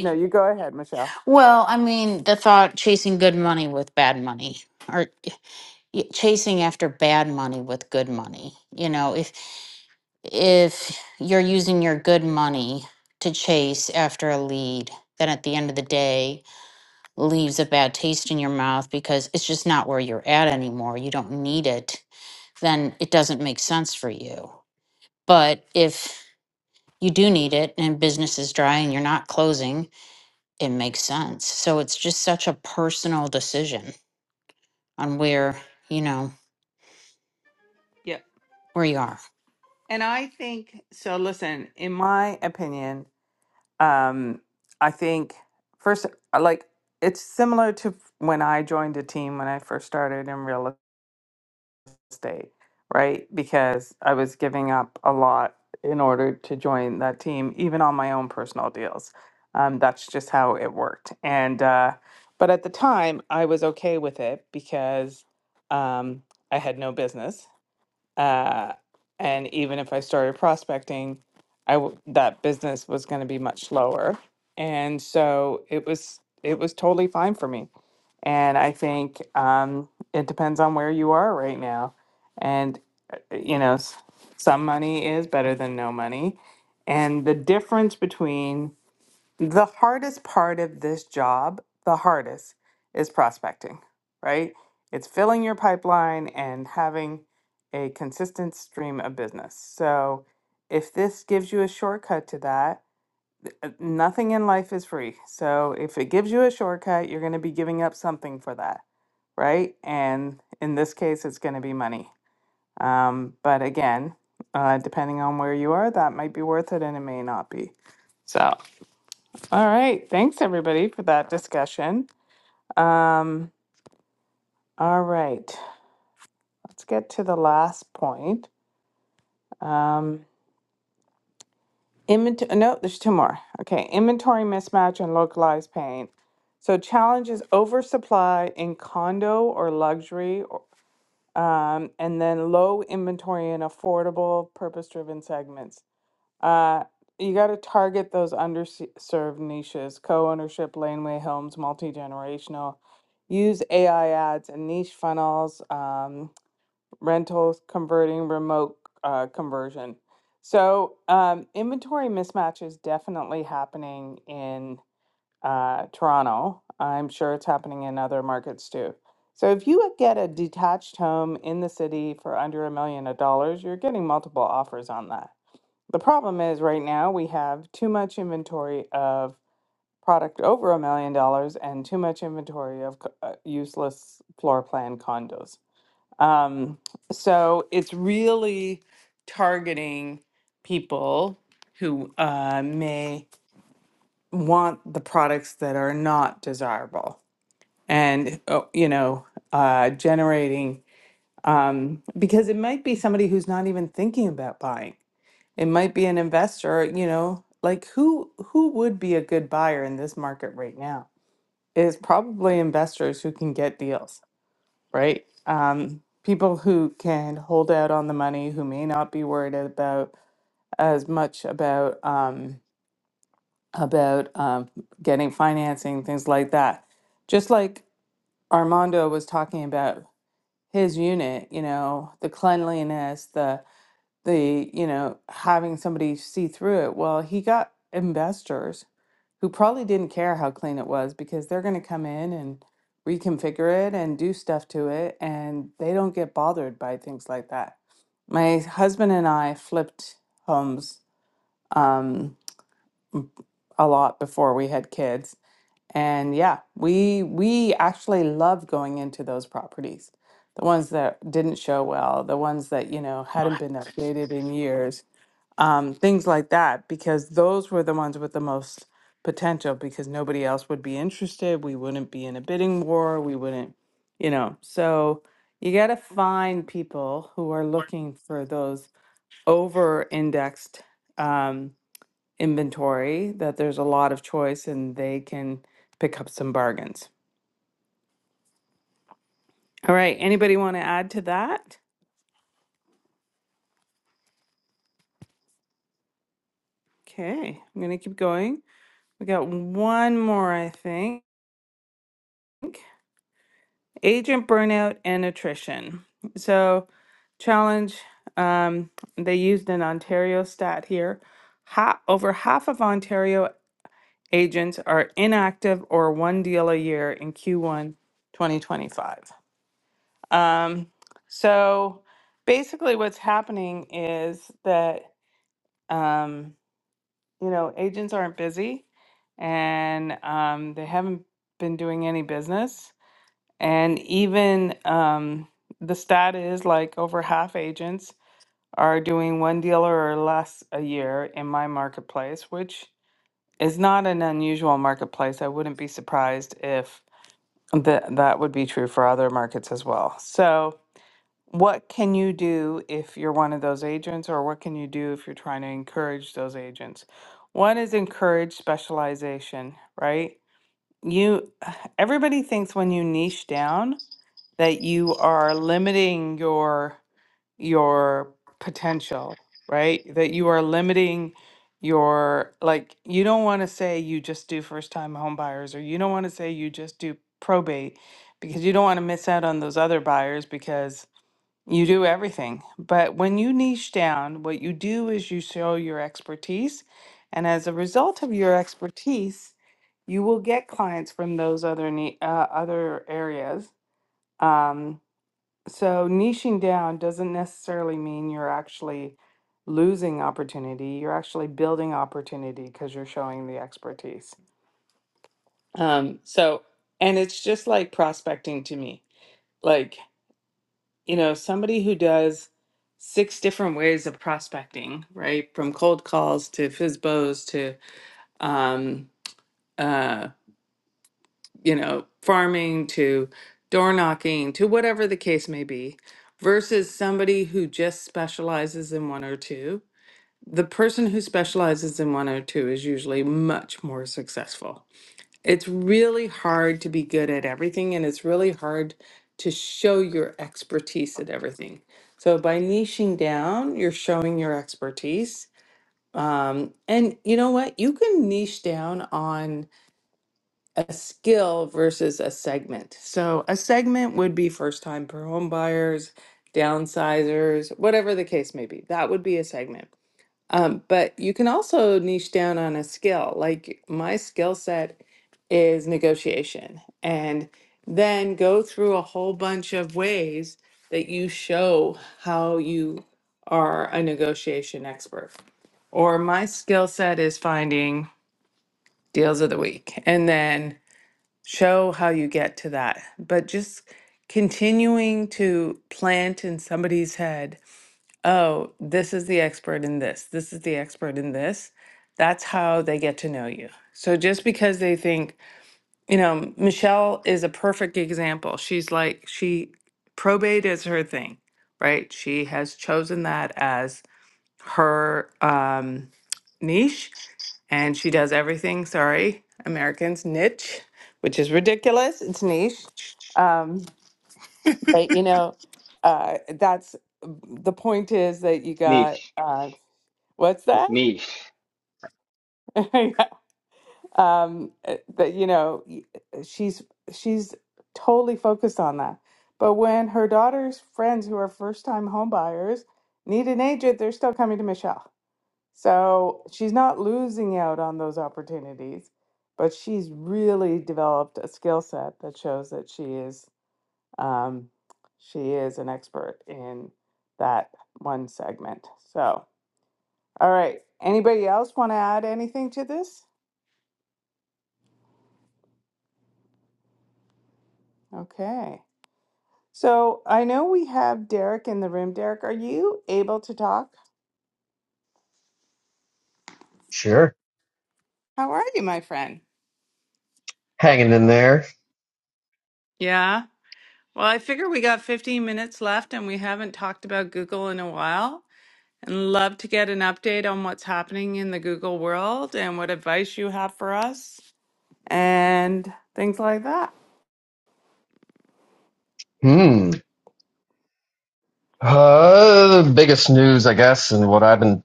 No, you go ahead, Michelle.
Well, I mean, the thought chasing good money with bad money or y- chasing after bad money with good money. You know, if if you're using your good money to chase after a lead, then at the end of the day leaves a bad taste in your mouth because it's just not where you're at anymore, you don't need it, then it doesn't make sense for you. But if you do need it and business is dry and you're not closing, it makes sense. So it's just such a personal decision on where, you know,
Yep.
where you are.
And I think so listen, in my opinion, Um, I think first, I like it's similar to when I joined a team when I first started in real estate, right? Because I was giving up a lot in order to join that team, even on my own personal deals. Um, that's just how it worked. And uh, but at the time, I was okay with it because um, I had no business uh, and even if I started prospecting, I w- that business was going to be much lower. And so it was it was totally fine for me. And I think um, it depends on where you are right now. And uh, uh, you know, s- some money is better than no money. And the difference between the hardest part of this job, the hardest, is prospecting, right? It's filling your pipeline and having a consistent stream of business. So, if this gives you a shortcut to that, uh, nothing in life is free. So, if it gives you a shortcut, you're going to be giving up something for that, right? And in this case, it's going to be money. Um, but again, uh, depending on where you are, that might be worth it and it may not be. So, all right. Thanks, everybody, for that discussion. Um, all right. Let's get to the last point. Um, invent- uh, no, there's two more. Okay. Inventory mismatch and localized pain. So, challenge is oversupply in condo or luxury, or- um, and then low inventory in affordable, purpose driven segments. Uh, you got to target those underserved niches, co ownership, laneway homes, multi generational. Use AI ads and niche funnels, um, rentals, converting, remote uh, conversion. So, um, inventory mismatch is definitely happening in uh, Toronto. I'm sure it's happening in other markets too. So, if you would get a detached home in the city for under a million of dollars, you're getting multiple offers on that the problem is right now we have too much inventory of product over a million dollars and too much inventory of c- uh, useless floor plan condos. Um, so it's really targeting people who uh, may want the products that are not desirable and uh, you know uh, generating um, because it might be somebody who's not even thinking about buying it might be an investor, you know, like who who would be a good buyer in this market right now? Is probably investors who can get deals, right? Um, people who can hold out on the money, who may not be worried about as much about um, about um, getting financing, things like that. Just like Armando was talking about his unit, you know, the cleanliness, the you know having somebody see through it well he got investors who probably didn't care how clean it was because they're going to come in and reconfigure it and do stuff to it and they don't get bothered by things like that my husband and i flipped homes um, m- a lot before we had kids and yeah we we actually love going into those properties the ones that didn't show well the ones that you know hadn't been updated in years um, things like that, because those were the ones with the most potential because nobody else would be interested. We wouldn't be in a bidding war. We wouldn't, you know. So you got to find people who are looking for those over indexed um, inventory that there's a lot of choice and they can pick up some bargains. All right. Anybody want to add to that? Okay. I'm going to keep going. We got one more, I think. agent burnout and attrition. So, challenge um, they used an Ontario stat here. Ha- over half of Ontario agents are inactive or one deal a year in Q1 2025. Um, so, basically, what's happening is that um, you know agents aren't busy and um, they haven't been doing any business and even um, the stat is like over half agents are doing one dealer or less a year in my marketplace, which is not an unusual marketplace. I wouldn't be surprised if that that would be true for other markets as well. So, what can you do if you're one of those agents, or what can you do if you're trying to encourage those agents? One is encourage specialization, right? You, everybody thinks when you niche down that you are limiting your your potential, right? That you are limiting your like you don't want to say you just do first time home buyers or you don't want to say you just do probate because you don't want to miss out on those other buyers because you do everything. But when you niche down, what you do is you show your expertise. And as a result of your expertise, you will get clients from those other ni- uh, other areas. Um, so niching down doesn't necessarily mean you're actually losing opportunity. You're actually building opportunity because you're showing the expertise. Um, so, and it's just like prospecting to me. Like you know, somebody who does six different ways of prospecting, right? From cold calls to FISBOs to, um, uh, you know, farming to door knocking to whatever the case may be, versus somebody who just specializes in one or two. The person who specializes in one or two is usually much more successful it's really hard to be good at everything, and it's really hard to show your expertise at everything. So by niching down, you're showing your expertise. Um, and you know what? You can niche down on a skill versus a segment. So a segment would be first time home buyers, downsizers, whatever the case may be. That would be a segment. Um, but you can also niche down on a skill. Like my skill set is negotiation, and then go through a whole bunch of ways that you show how you are a negotiation expert. Or my skill set is finding deals of the week, and then show how you get to that. But just continuing to plant in somebody's head oh, this is the expert in this, this is the expert in this. That's how they get to know you. So just because they think, you know, Michelle is a perfect example. She's like, she, probate is her thing, right? She has chosen that as her um, niche and she does everything, sorry, Americans, niche, which is ridiculous. It's niche. Um, but, you know, uh, that's the point is that you
It's
got
niche.
uh, What's
It's
that?
niche.
Yeah. um, uh, but you know, y- eh, she's she's totally focused on that. But when her daughter's friends, who are first-time homebuyers, need an agent, they're still coming to Michelle. So she's not losing out on those opportunities, but she's really developed a skill set that shows that she is um, she is an expert in that one segment. So, all right. Anybody else want to add anything to this? Okay. So I know we have Derek in the room. Derek, are you able to talk?
Sure.
How are you, my friend?
Hanging in there.
Yeah. Well, I figure we got 15 minutes left and we haven't talked about Google in a while. And love to get an update on what's happening in the Google world and what advice you have for us and things like that.
Hmm. Uh, the biggest news, I guess, and what I've been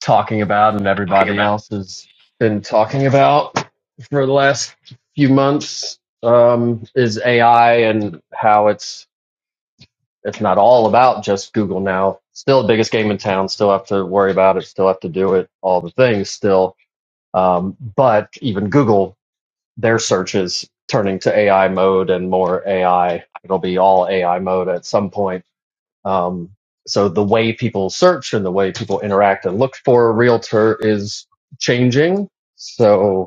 talking about and
Talking
everybody
about.
else has been talking about for the last few months um, is AI and how it's it's not all about just Google now. Still the biggest game in town. Still have to worry about it. Still have to do it. All the things still. Um, but even Google, their search is turning to AI mode and more AI. It'll be all AI mode at some point. Um, so the way people search and the way people interact and look for a realtor is changing. So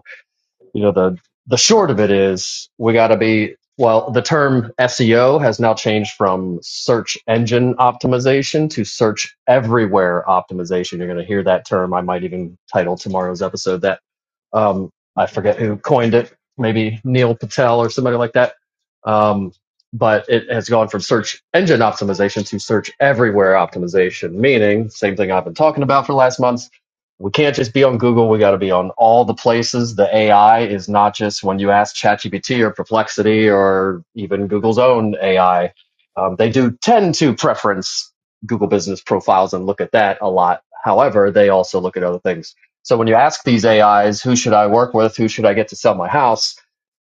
you know the the short of it is we got to be well the term SEO has now changed from search engine optimization to search everywhere optimization you're going to hear that term I might even title tomorrow's episode that um, I forget who coined it, maybe Neil Patel or somebody like that. Um, but it has gone from search engine optimization to search everywhere optimization, meaning same thing I've been talking about for the last months. We can't just be on Google. We got to be on all the places. The AI is not just when you ask ChatGPT or Perplexity or even Google's own AI. Um, they do tend to preference Google business profiles and look at that a lot. However, they also look at other things so when you ask these AIs, who should I work with? Who should I get to sell my house?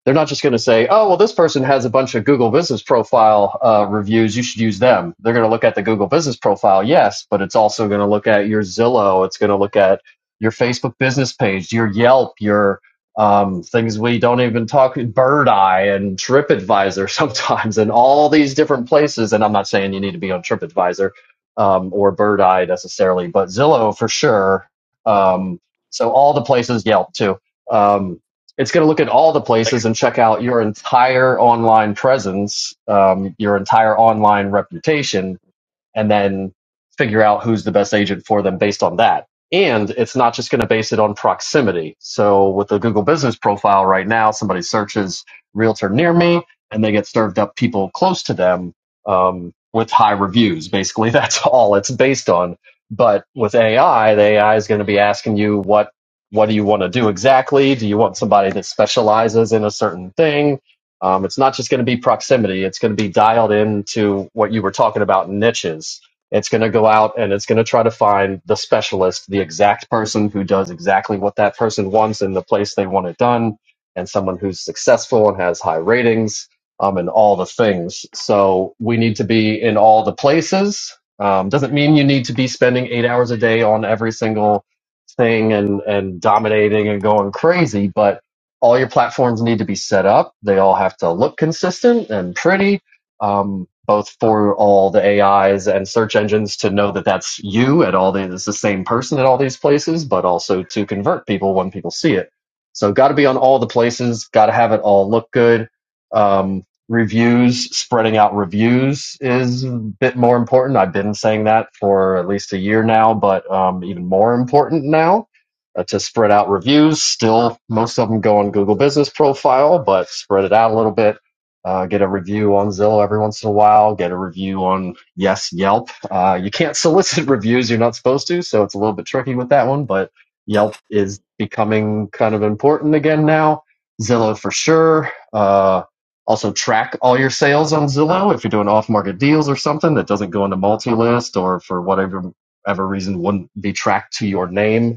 They're not just going to say, "Oh, well, this person has a bunch of Google Business Profile uh, reviews. You should use them." They're going to look at the Google Business Profile, yes, but it's also going to look at your Zillow. It's going to look at your Facebook business page, your Yelp, your um, things we don't even talk bird eye and tripadvisor sometimes and all these different places and i'm not saying you need to be on tripadvisor um, or bird eye necessarily but zillow for sure um, so all the places yelp too Um, it's going to look at all the places and check out your entire online presence, um, your entire online reputation, and then figure out who's the best agent for them based on that. And it's not just going to base it on proximity. So with the Google business profile right now, somebody searches realtor near me and they get served up people close to them um, with high reviews. Basically, that's all it's based on. But with AI, the AI is going to be asking you what what do you want to do exactly? Do you want somebody that specializes in a certain thing? Um, it's not just going to be proximity. It's going to be dialed into what you were talking about niches. It's going to go out and it's going to try to find the specialist, the exact person who does exactly what that person wants in the place they want it done, and someone who's successful and has high ratings, um, and all the things. So we need to be in all the places. Um, doesn't mean you need to be spending eight hours a day on every single thing and and dominating and going crazy, but all your platforms need to be set up. They all have to look consistent and pretty, um, both for all the AIs and search engines to know that that's you at all. The, it's the same person at all these places, but also to convert people when people see it. So, got to be on all the places. Got to have it all look good. Um, reviews, spreading out reviews is a bit more important. I've been saying that for at least a year now, but um, even more important now uh, to spread out reviews. Still, most of them go on Google Business Profile, but spread it out a little bit. Uh, get a review on Zillow every once in a while. Get a review on Yes Yelp. Uh, you can't solicit reviews; you're not supposed to, so it's a little bit tricky with that one. But Yelp is becoming kind of important again now. Zillow for sure. Uh, also track all your sales on Zillow if you're doing off-market deals or something that doesn't go into multi-list or for whatever ever reason wouldn't be tracked to your name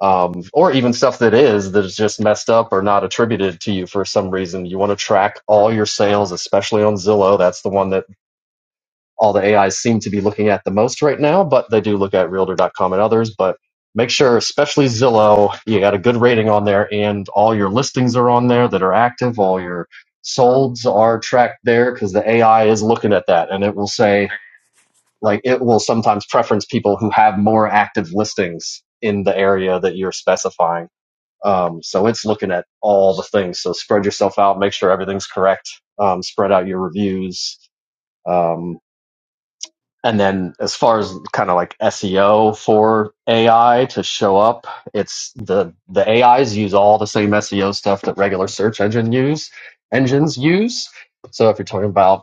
um, or even stuff that is that is just messed up or not attributed to you for some reason. You want to track all your sales, especially on Zillow. That's the one that all the AIs seem to be looking at the most right now, but they do look at Realtor dot com and others. But make sure, especially Zillow, you got a good rating on there, and all your listings are on there that are active. All your solds are tracked there because the AI is looking at that, and it will say like it will sometimes preference people who have more active listings in the area that you're specifying um, so it's looking at all the things. So spread yourself out, make sure everything's correct, um, spread out your reviews. Um, and then as far as kind of like SEO for AI to show up, it's the, the AIs use all the same SEO stuff that regular search engine use engines use. So if you're talking about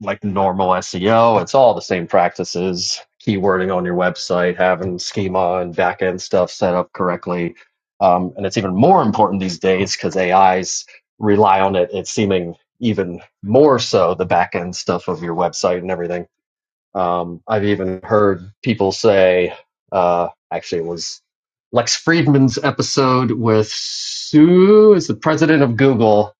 like normal SEO. It's all the same practices, keywording on your website, having schema and backend stuff set up correctly. Um, and it's even more important these days because AIs rely on it. It's seeming even more so the backend stuff of your website and everything. Um, I've even heard people say, uh, actually, it was Lex Friedman's episode with Sue, is the president of Google,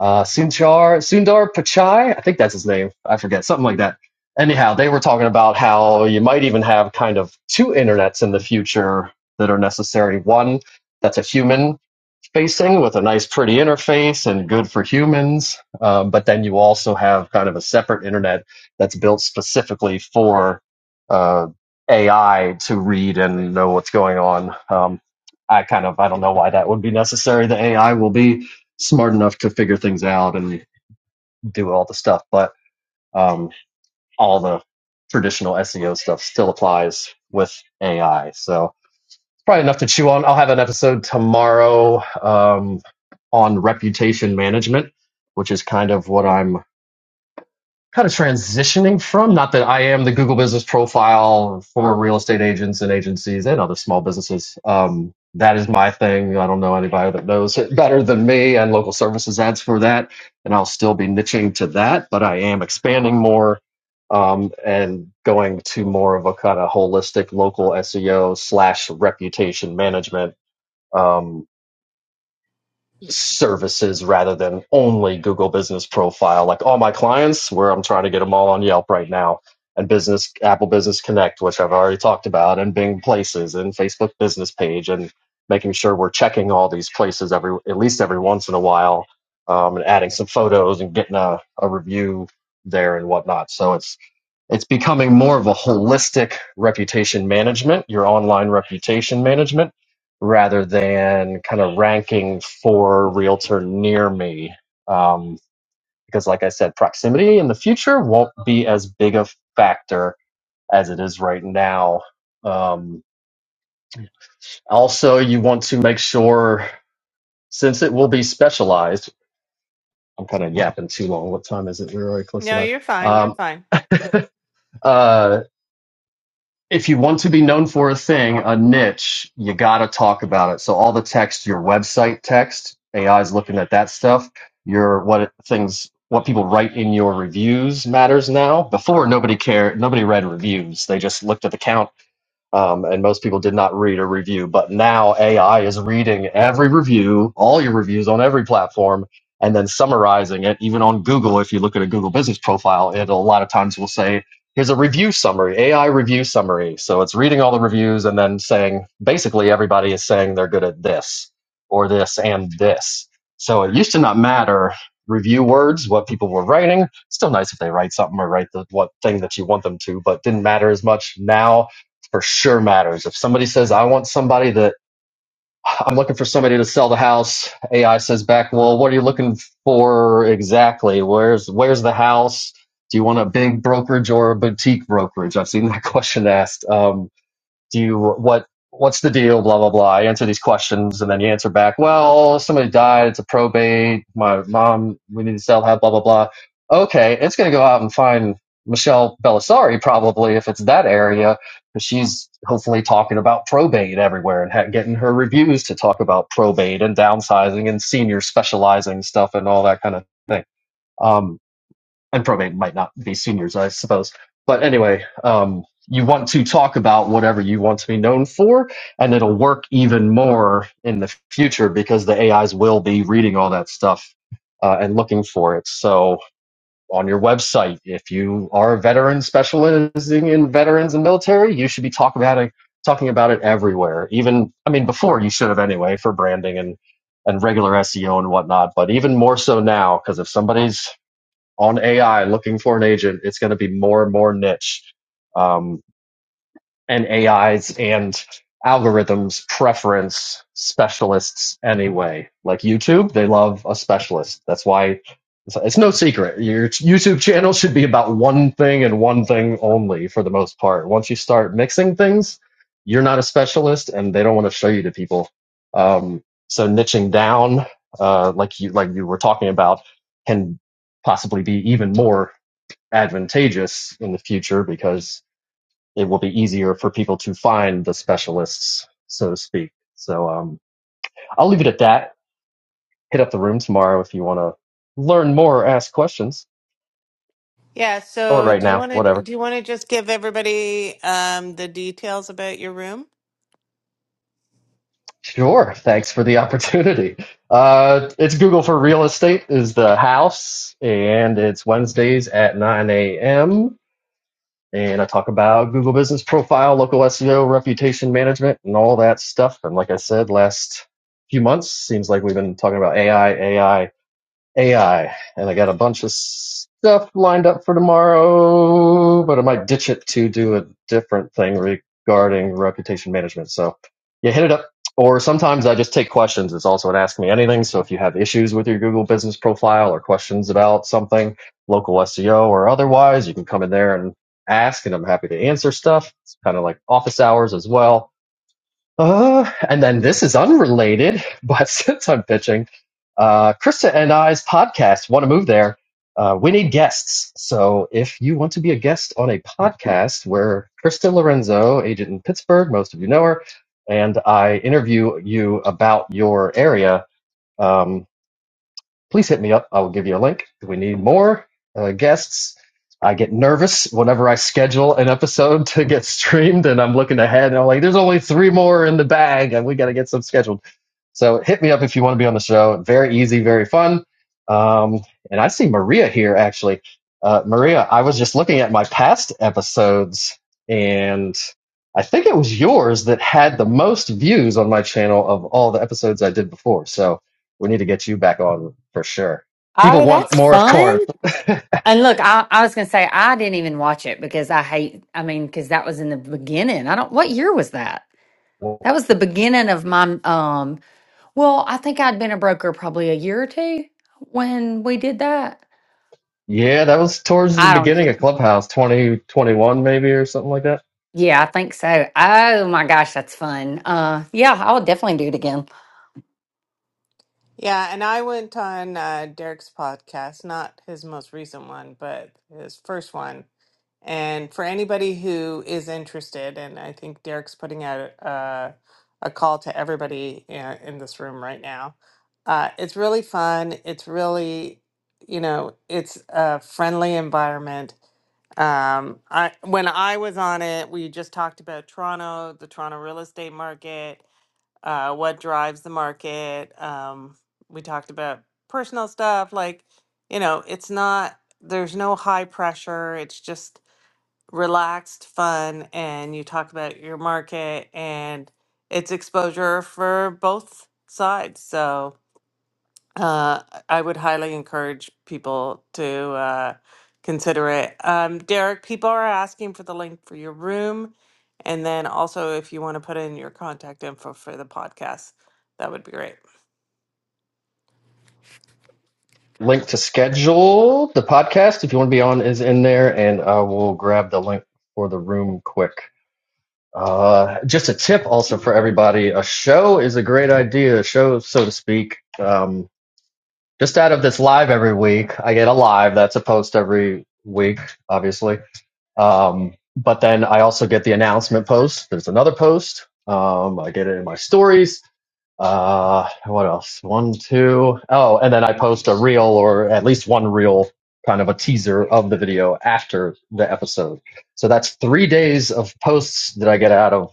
uh, Sundar Sundar Pichai. I think that's his name. I forget something like that. Anyhow, they were talking about how you might even have kind of two internets in the future that are necessary. One that's a human facing with a nice, pretty interface and good for humans, um, but then you also have kind of a separate internet that's built specifically for uh, AI to read and know what's going on. Um, I kind of I don't know why that would be necessary. The AI will be smart enough to figure things out and do all the stuff, but um, all the traditional SEO stuff still applies with AI. So it's probably enough to chew on. I'll have an episode tomorrow um, on reputation management, which is kind of what I'm kind of transitioning from. Not that I am the Google business profile, former real estate agents and agencies and other small businesses. Um, that is my thing. I don't know anybody that knows it better than me and local services ads for that. And I'll still be niching to that, but I am expanding more um, and going to more of a kind of holistic local SEO slash reputation management. um, services rather than only Google Business Profile. Like all my clients, where I'm trying to get them all on Yelp right now, and Business Apple Business Connect, which I've already talked about, and Bing Places, and Facebook Business Page, and making sure we're checking all these places every at least every once in a while, um, and adding some photos and getting a, a review there and whatnot. So it's it's becoming more of a holistic reputation management, your online reputation management rather than kind of ranking for realtor near me. Um, because, like I said, proximity in the future won't be as big a factor as it is right now. Um, also, you want to make sure, since it will be specialized, I'm kind of yapping too long. What time is it? We're already close
No,
enough.
you're fine. You're
Um,
fine.
uh, if you want to be known for a thing, a niche, you got to talk about it. So all the text, your website text, AI is looking at that stuff. Your what it- things, what people write in your reviews matters now. Before nobody cared, nobody read reviews. They just looked at the count um, and most people did not read a review. But now AI is reading every review, all your reviews on every platform, and then summarizing it. Even on Google, if you look at a Google business profile, it a lot of times will say, "Here's a review summary, AI review summary." So it's reading all the reviews and then saying, basically, everybody is saying they're good at this or this and this. So it used to not matter review words, what people were writing. Still nice if they write something or write the what thing that you want them to, but didn't matter as much now for sure matters. If somebody says, I want somebody that I'm looking for somebody to sell the house, AI says back, well, what are you looking for exactly? Where's, where's the house? Do you want a big brokerage or a boutique brokerage? I've seen that question asked. Um, do you what what's the deal blah blah blah i answer these questions and then you answer back well somebody died it's a probate my mom we need to sell that blah blah blah okay it's going to go out and find michelle belisari probably if it's that area because she's hopefully talking about probate everywhere and ha- getting her reviews to talk about probate and downsizing and senior specializing stuff and all that kind of thing Um, and probate might not be seniors, I suppose. But anyway, um, you want to talk about whatever you want to be known for, and it'll work even more in the future because the AIs will be reading all that stuff uh, and looking for it. So on your website, if you are a veteran specializing in veterans and military, you should be talking about it, talking about it everywhere. Even, I mean, before you should have anyway for branding and and regular SEO and whatnot, but even more so now because if somebody's on AI looking for an agent, it's going to be more and more niche. Um, and AIs and algorithms preference specialists anyway. Like YouTube, they love a specialist. That's why it's, it's no secret. Your YouTube channel should be about one thing and one thing only for the most part. Once you start mixing things, you're not a specialist and they don't want to show you to people. Um, so niching down, uh, like you, like you were talking about can possibly be even more advantageous in the future because it will be easier for people to find the specialists, so to speak. So um, I'll leave it at that. Hit up the room tomorrow if you want to learn more ask questions,
Yeah,
or
so
right
do you
now,
want to
whatever.
do you want to just give everybody um the details about your room?
Sure. Thanks for the opportunity. Uh, it's Google for Real Estate is the house, and it's Wednesdays at 9 a.m. And I talk about Google Business Profile, local SEO, reputation management, and all that stuff. And like I said, last few months seems like we've been talking about AI, AI, AI, and I got a bunch of stuff lined up for tomorrow, but I might ditch it to do a different thing regarding reputation management. So, yeah, hit it up. Or sometimes I just take questions. It's also an Ask Me Anything. So if you have issues with your Google business profile or questions about something, local SEO or otherwise, you can come in there and ask, and I'm happy to answer stuff. It's kind of like office hours as well uh, and then this is unrelated, but since I'm pitching, uh, Krista and I's podcast want to move there. Uh, we need guests. So if you want to be a guest on a podcast where Krista Lorenzo, agent in Pittsburgh, most of you know her, and I interview you about your area, um, please hit me up. I will give you a link. We need more uh, guests. I get nervous whenever I schedule an episode to get streamed, and I'm looking ahead and I'm like, there's only three more in the bag, and we got to get some scheduled. So hit me up if you want to be on the show. Very easy, very fun. Um, and I see Maria here actually. Uh, Maria, I was just looking at my past episodes, and I think it was yours that had the most views on my channel of all the episodes I did before. So we need to get you back on for sure. People
Oh,
want
that's
more of Corinth.
fun. And look, I, I was going to say I didn't even watch it because I hate, I mean, because that was in the beginning. I don't, what year was that?
Well,
That was the beginning of my, um, well, I think I'd been a broker probably a year or two when we did that.
Yeah, that was towards the
I don't.
beginning of Clubhouse 2021, maybe, or something like that.
Yeah, I think so. Oh my gosh, that's fun. Uh, yeah, I would definitely do it again.
Yeah, and I went on uh, Derek's podcast, not his most recent one, but his first one. And for anybody who is interested, and I think Derek's putting out uh, a call to everybody uh, in this room right now. Uh, it's really fun. It's really, you know, it's a friendly environment. Um, I when I was on it, we just talked about Toronto, the Toronto real estate market uh, what drives the market. Um, we talked about personal stuff. Like, you know, it's not, there's no high pressure. It's just relaxed fun. And you talk about your market and it's exposure for both sides. So uh, I would highly encourage people to uh, consider it. Um, Derek, people are asking for the link for your room. And then also, if you want to put in your contact info for the podcast, that would be great.
Link to schedule the podcast if you want to be on is in there, and uh, we'll grab the link for the room quick. Uh, just a tip also for everybody a show is a great idea, a show, so to speak. Um, just out of this live every week, I get a live that's a post every week, obviously Um, but then I also get the announcement post. There's another post. Um, I get it in my stories. Uh, what else? One, two. Oh, and then I post a reel or at least one reel kind of a teaser of the video after the episode. So that's three days of posts that I get out of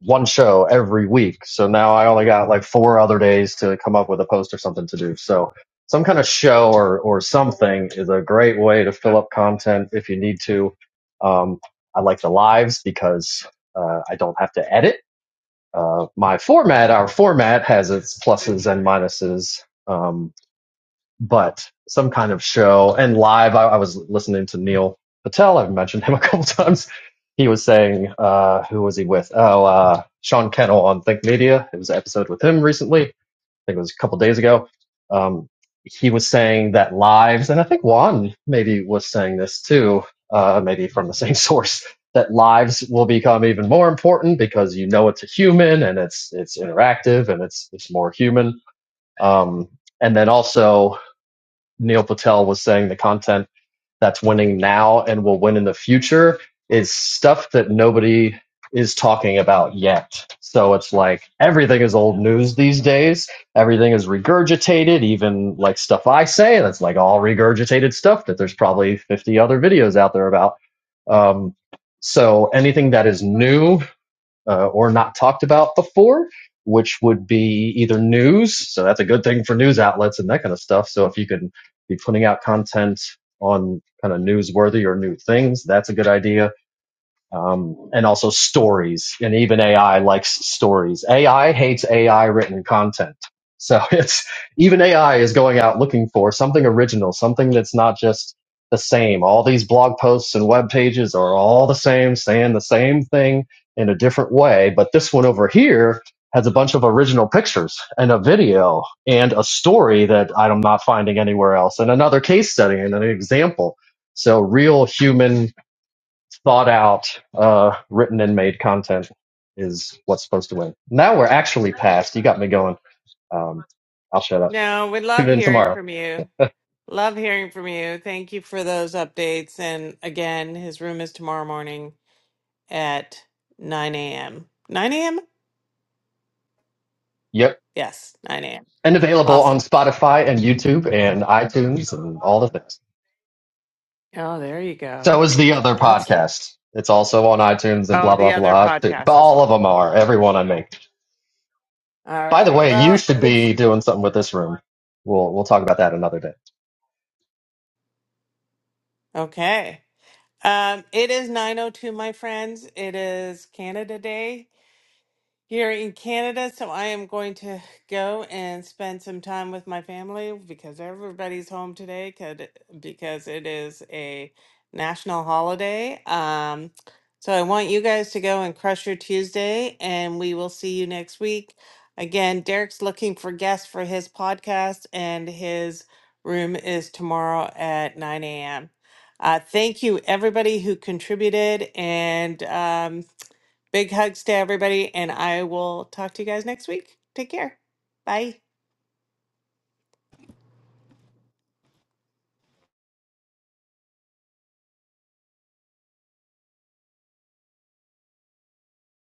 one show every week. So now I only got like four other days to come up with a post or something to do. So some kind of show or, or something is a great way to fill up content if you need to. Um, I like the lives because, uh, I don't have to edit. Uh, my format, our format has its pluses and minuses. Um, but some kind of show and live. I, I was listening to Neil Patel. I've mentioned him a couple times. He was saying, uh, who was he with? Oh, uh, Sean Kennel on Think Media. It was an episode with him recently. I think it was a couple days ago. Um, he was saying that lives, and I think Juan maybe was saying this too, uh, maybe from the same source, that lives will become even more important because you know it's a human and it's it's interactive and it's it's more human. Um, and then also Neil Patel was saying the content that's winning now and will win in the future is stuff that nobody is talking about yet. So it's like everything is old news these days. Everything is regurgitated, even like stuff I say. That's like all regurgitated stuff that there's probably 50 other videos out there about. Um, so anything that is new uh, or not talked about before, which would be either news. So that's a good thing for news outlets and that kind of stuff. So if you can be putting out content on kind of newsworthy or new things, that's a good idea um, and also stories. And even AI likes stories. AI hates AI written content. So it's even AI is going out looking for something original, something that's not just the same. All these blog posts and web pages are all the same, saying the same thing in a different way. But this one over here has a bunch of original pictures and a video and a story that I'm not finding anywhere else and another case study and an example. So real human thought out, uh, written and made content is what's supposed to win. Now we're actually past. You got me going. Um, I'll shut up.
No, we
Tune
love
in
hearing
tomorrow.
from you. Love hearing from you. Thank you for those updates. And again, his room is tomorrow morning at 9 a.m. 9 a.m.?
Yep.
Yes, 9 a.m.
And available on
Awesome.
Spotify and YouTube and iTunes and all the things.
Oh, there you go.
So is the other
That's neat.
podcast. It's also on iTunes and
Oh,
blah,
the
blah,
other
blah. too. But
podcast as
all
well.
of them are. Everyone I make.
All
By the
right.
way, you
Well,
should
it's
be doing something with this room. We'll, we'll talk about that another day.
okay. Um, it is 9:02, my friends. It is Canada Day here in Canada, so I am going to go and spend some time with my family because everybody's home today 'cause it- because it is a national holiday. Um, so I want you guys to go and crush your Tuesday, and we will see you next week. Again, Derek's looking for guests for his podcast, and his room is tomorrow at 9 a.m. Uh, thank you, everybody who contributed, and um, Big hugs to everybody, and I will talk to you guys next week. Take care. Bye.